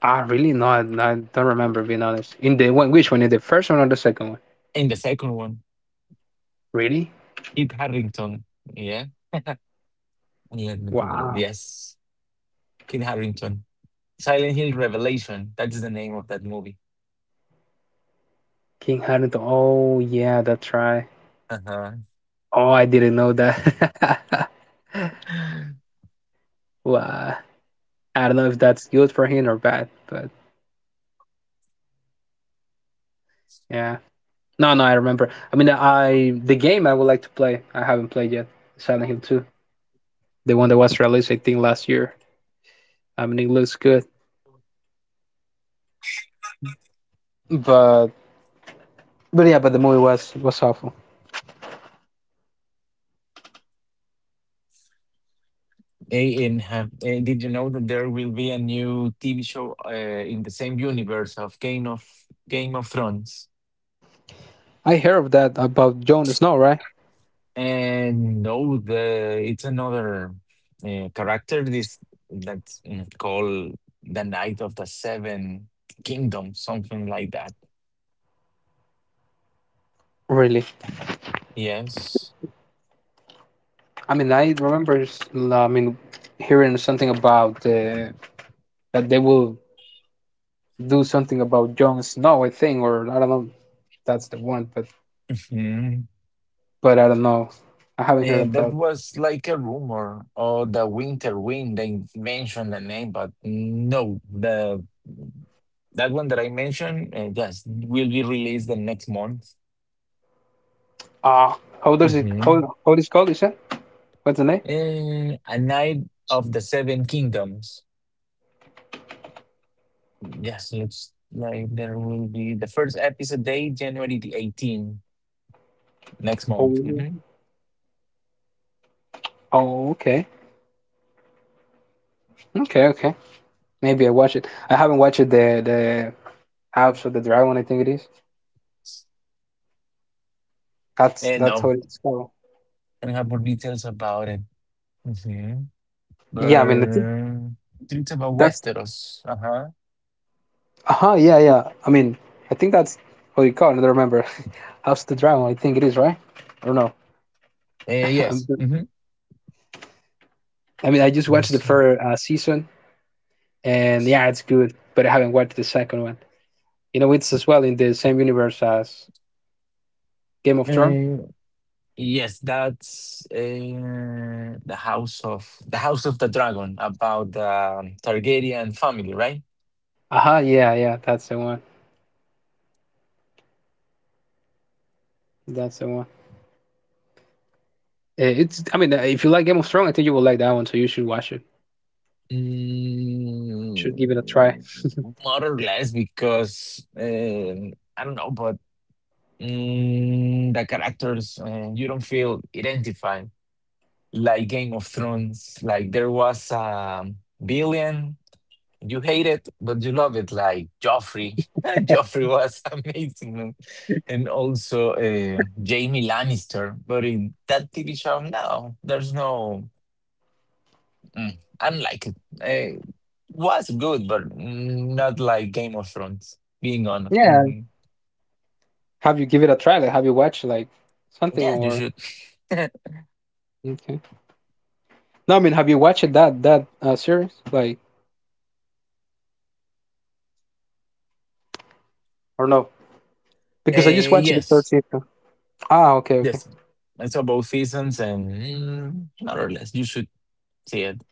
S1: Ah, really? No, I don't remember being honest. In the one which one? In the first one or the second one?
S2: In the second one,
S1: Really?
S2: Kit Harington. Yeah, let me Google it.
S1: Wow.
S2: Yes, Kit Harington. Silent Hill Revelation. That's the name of that movie.
S1: King Huntington. Oh yeah, that's right.
S2: Uh-huh.
S1: Oh I didn't know that. Wow. I don't know if that's good for him or bad, but yeah. No, no, I remember. I mean, I the game I would like to play. I haven't played yet. Silent Hill 2, the one that was released I think last year. It looks good, but yeah, but the movie was awful.
S2: And did you know that there will be a new TV show in the same universe of Game of Thrones?
S1: I heard of that about Jon Snow, right?
S2: And no, the it's another character. This that's mm, called the Knight of the Seven Kingdoms, something like that.
S1: Really?
S2: Yes.
S1: I mean, I remember. I mean, hearing something about that they will do something about Jon Snow, I think, or I don't know. If that's the one, but
S2: Mhm.
S1: I don't know. I haven't heard
S2: And
S1: of
S2: that
S1: that.
S2: was like a rumor, or the Winter Wind. They mentioned the name, but no, the that one that I mentioned, yes, will be released the next month.
S1: Ah, how does it?
S2: Hmm.
S1: How is it called? You said what's the name?
S2: A Knight of the Seven Kingdoms. Yes, looks like there will be the first episode day, January the 18th, next month.
S1: Oh,
S2: Hmm.
S1: oh, okay, okay, okay. Maybe I watch it. I haven't watched it, the House of the Dragon. I think it is. That's
S2: And
S1: that's
S2: I'm
S1: how it's called.
S2: gonna have more details about it. Mm-hmm.
S1: Yeah, I think
S2: But it's about
S1: that's
S2: Westeros. Uh-huh.
S1: yeah, yeah. I think that's what you call it. I don't remember. House of the Dragon, I think it is, right? I don't know. I'm-
S2: Yes. Mm-hmm.
S1: I just watched the
S2: Yes.
S1: first season, and yeah, it's good, but I haven't watched the second one. You know, it's as well in the same universe as Game of Thrones.
S2: Eh, yes, that's the house of the dragon about the Targaryen family, right?
S1: Uh-huh, yeah, yeah, that's the one. That's the one. It's, if you like Game of Thrones, I think you will like that one, so you should watch it. Should give it a try.
S2: Mm, more or less, because I don't know, but the characters you don't feel identified like Game of Thrones. Like there was a billion, you hate it, but you love it. Like Joffrey, Joffrey was amazing, man. And also Jamie Lannister. But in that TV show, no, there's no. I don't like it. Was good, but not like Game of Thrones. Being honest,
S1: Yeah.
S2: hmm
S1: Have you give it a try? Like, have you watched like something
S2: yeah, you
S1: or?
S2: should. uh,
S1: Okay. No, have you watched that series? Like, or no? Because I just watched the
S2: yes,
S1: first season. Ah, okay, okay,
S2: yes, I saw both seasons, and more or less, you should see it.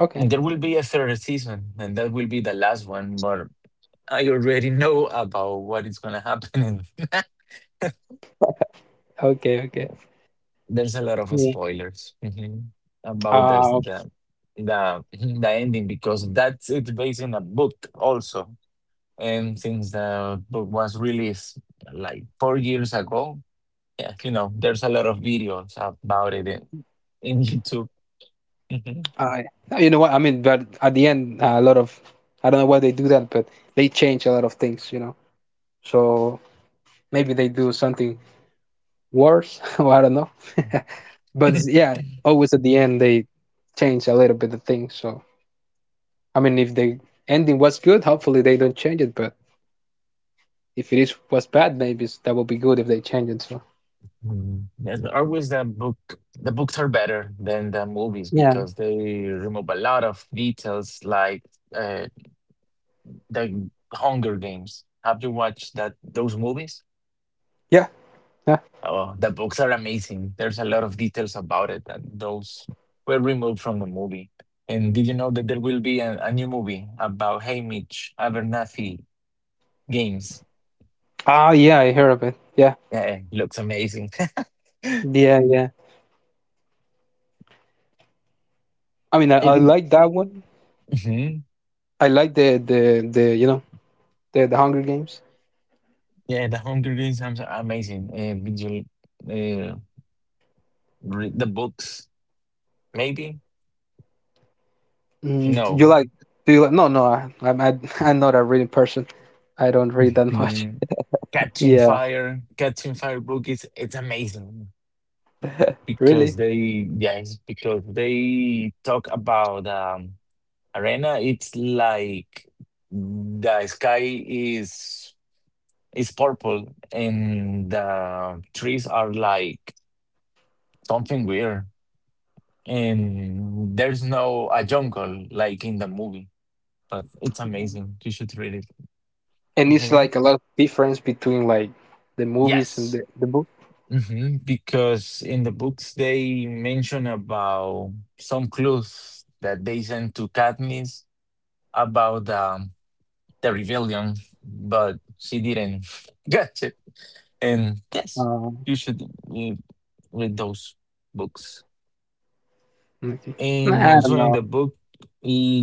S1: okay,
S2: There will be a third season, and that will be the last one. But I already know about what is gonna happen.
S1: okay, okay.
S2: There's a lot of
S1: Yeah.
S2: spoilers about
S1: Uh,
S2: the the ending because that's it's based on a book also. And since the book was released like 4 years ago, yeah, you know, there's a lot of videos about it in YouTube. Mhm.
S1: I, you know what? But at the end, a lot of I don't know why they do that, but they change a lot of things, you know. So maybe they do something worse, or I don't know. But yeah, always at the end they change a little bit of things. So if the ending was good, hopefully they don't change it. But if it is was bad, maybe that will be good if they change it. So.
S2: There's always the book. The books are better than the movies
S1: Yeah,
S2: because they remove a lot of details, like uh, the Hunger Games. Have you watched that those movies?
S1: yeah, yeah.
S2: Oh, the books are amazing. There's a lot of details about it, and those were removed from the movie. And did you know that there will be a new movie about Haymitch Abernathy Games?
S1: Ah, yeah, I heard of it. Yeah,
S2: Yeah, looks amazing.
S1: yeah, yeah. I
S2: Every-
S1: like that one.
S2: Mhm.
S1: I like the the Hunger Games.
S2: Yeah, the Hunger Games are amazing. Did you uh, read the books? Maybe?
S1: Mm, do you
S2: No.
S1: like? Do you like? No, no. I'm not a reading person. I don't read that much.
S2: Mhm.
S1: Yeah,
S2: Catching Fire book is it's amazing. Because
S1: really.
S2: they yes because they talk about arena, it's like the sky is purple and the trees are like something weird and there's no a jungle like in the movie, but it's
S1: Mhm.
S2: amazing, you should read it.
S1: And it's
S2: Mhm.
S1: like a lot of difference between like the movies and
S2: Yes.
S1: the book.
S2: Hmm. Because in the books they mention about some clues that they sent to Katniss about the rebellion, but she didn't get it. And yes,
S1: Uh,
S2: you should read, read those books.
S1: okay.
S2: And
S1: Nah, I
S2: also
S1: don't
S2: in the
S1: know.
S2: book, he,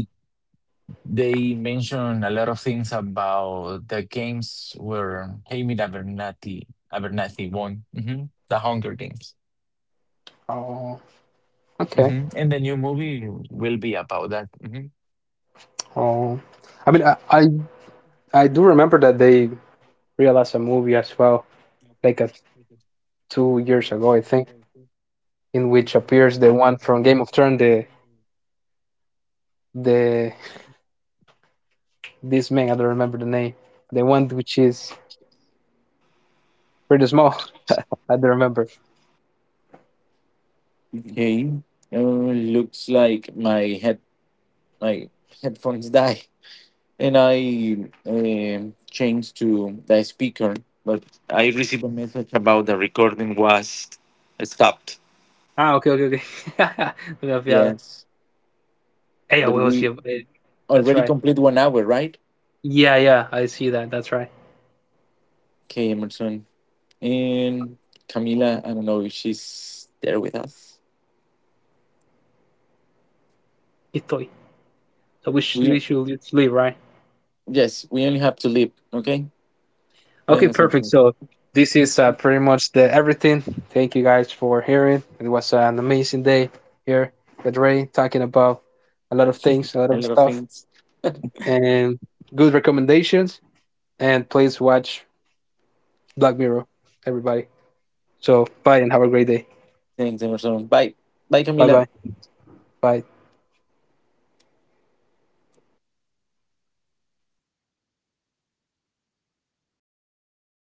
S2: they mention a lot of things about the games where Jaime Abernathy, Abernathy won, hmm the Hunger Games.
S1: Oh, okay.
S2: Hmm. And the new movie will be about that.
S1: Oh, I mean, I, I I do remember that they realized a movie as well, like a 2 years ago, I think, in which appears the one from Game
S2: Hmm.
S1: of Thrones, the this man I don't remember the name, the one which is pretty small. I don't remember.
S3: Okay. Looks like my headphones die, and I changed to the speaker. But I received a message about the recording was stopped.
S1: Ah, okay, okay, okay. Yeah,
S3: Yes,
S1: yeah,
S3: but
S1: what was
S3: we
S1: your? That's
S3: already
S1: right.
S3: complete 1 hour, right?
S1: Yeah, yeah, I see that. That's right.
S3: Okay, Emerson and Camila. I don't know if she's there with us.
S1: Itoy. So we should
S3: We,
S1: leave, right?
S3: yes, we only have to leave. Okay.
S1: Okay,
S3: Pueden hacer
S1: perfect. So this is pretty much the everything. Thank you guys for hearing. It was an amazing day here with Ray talking about a lot of things, a lot
S3: a
S1: of
S3: lot of
S1: stuff,
S3: things.
S1: and good recommendations. And please watch Black Mirror, everybody. So bye and have a great day.
S3: Thanks, Emerson. Bye, bye,
S1: Bye
S3: Camila.
S1: bye. Bye.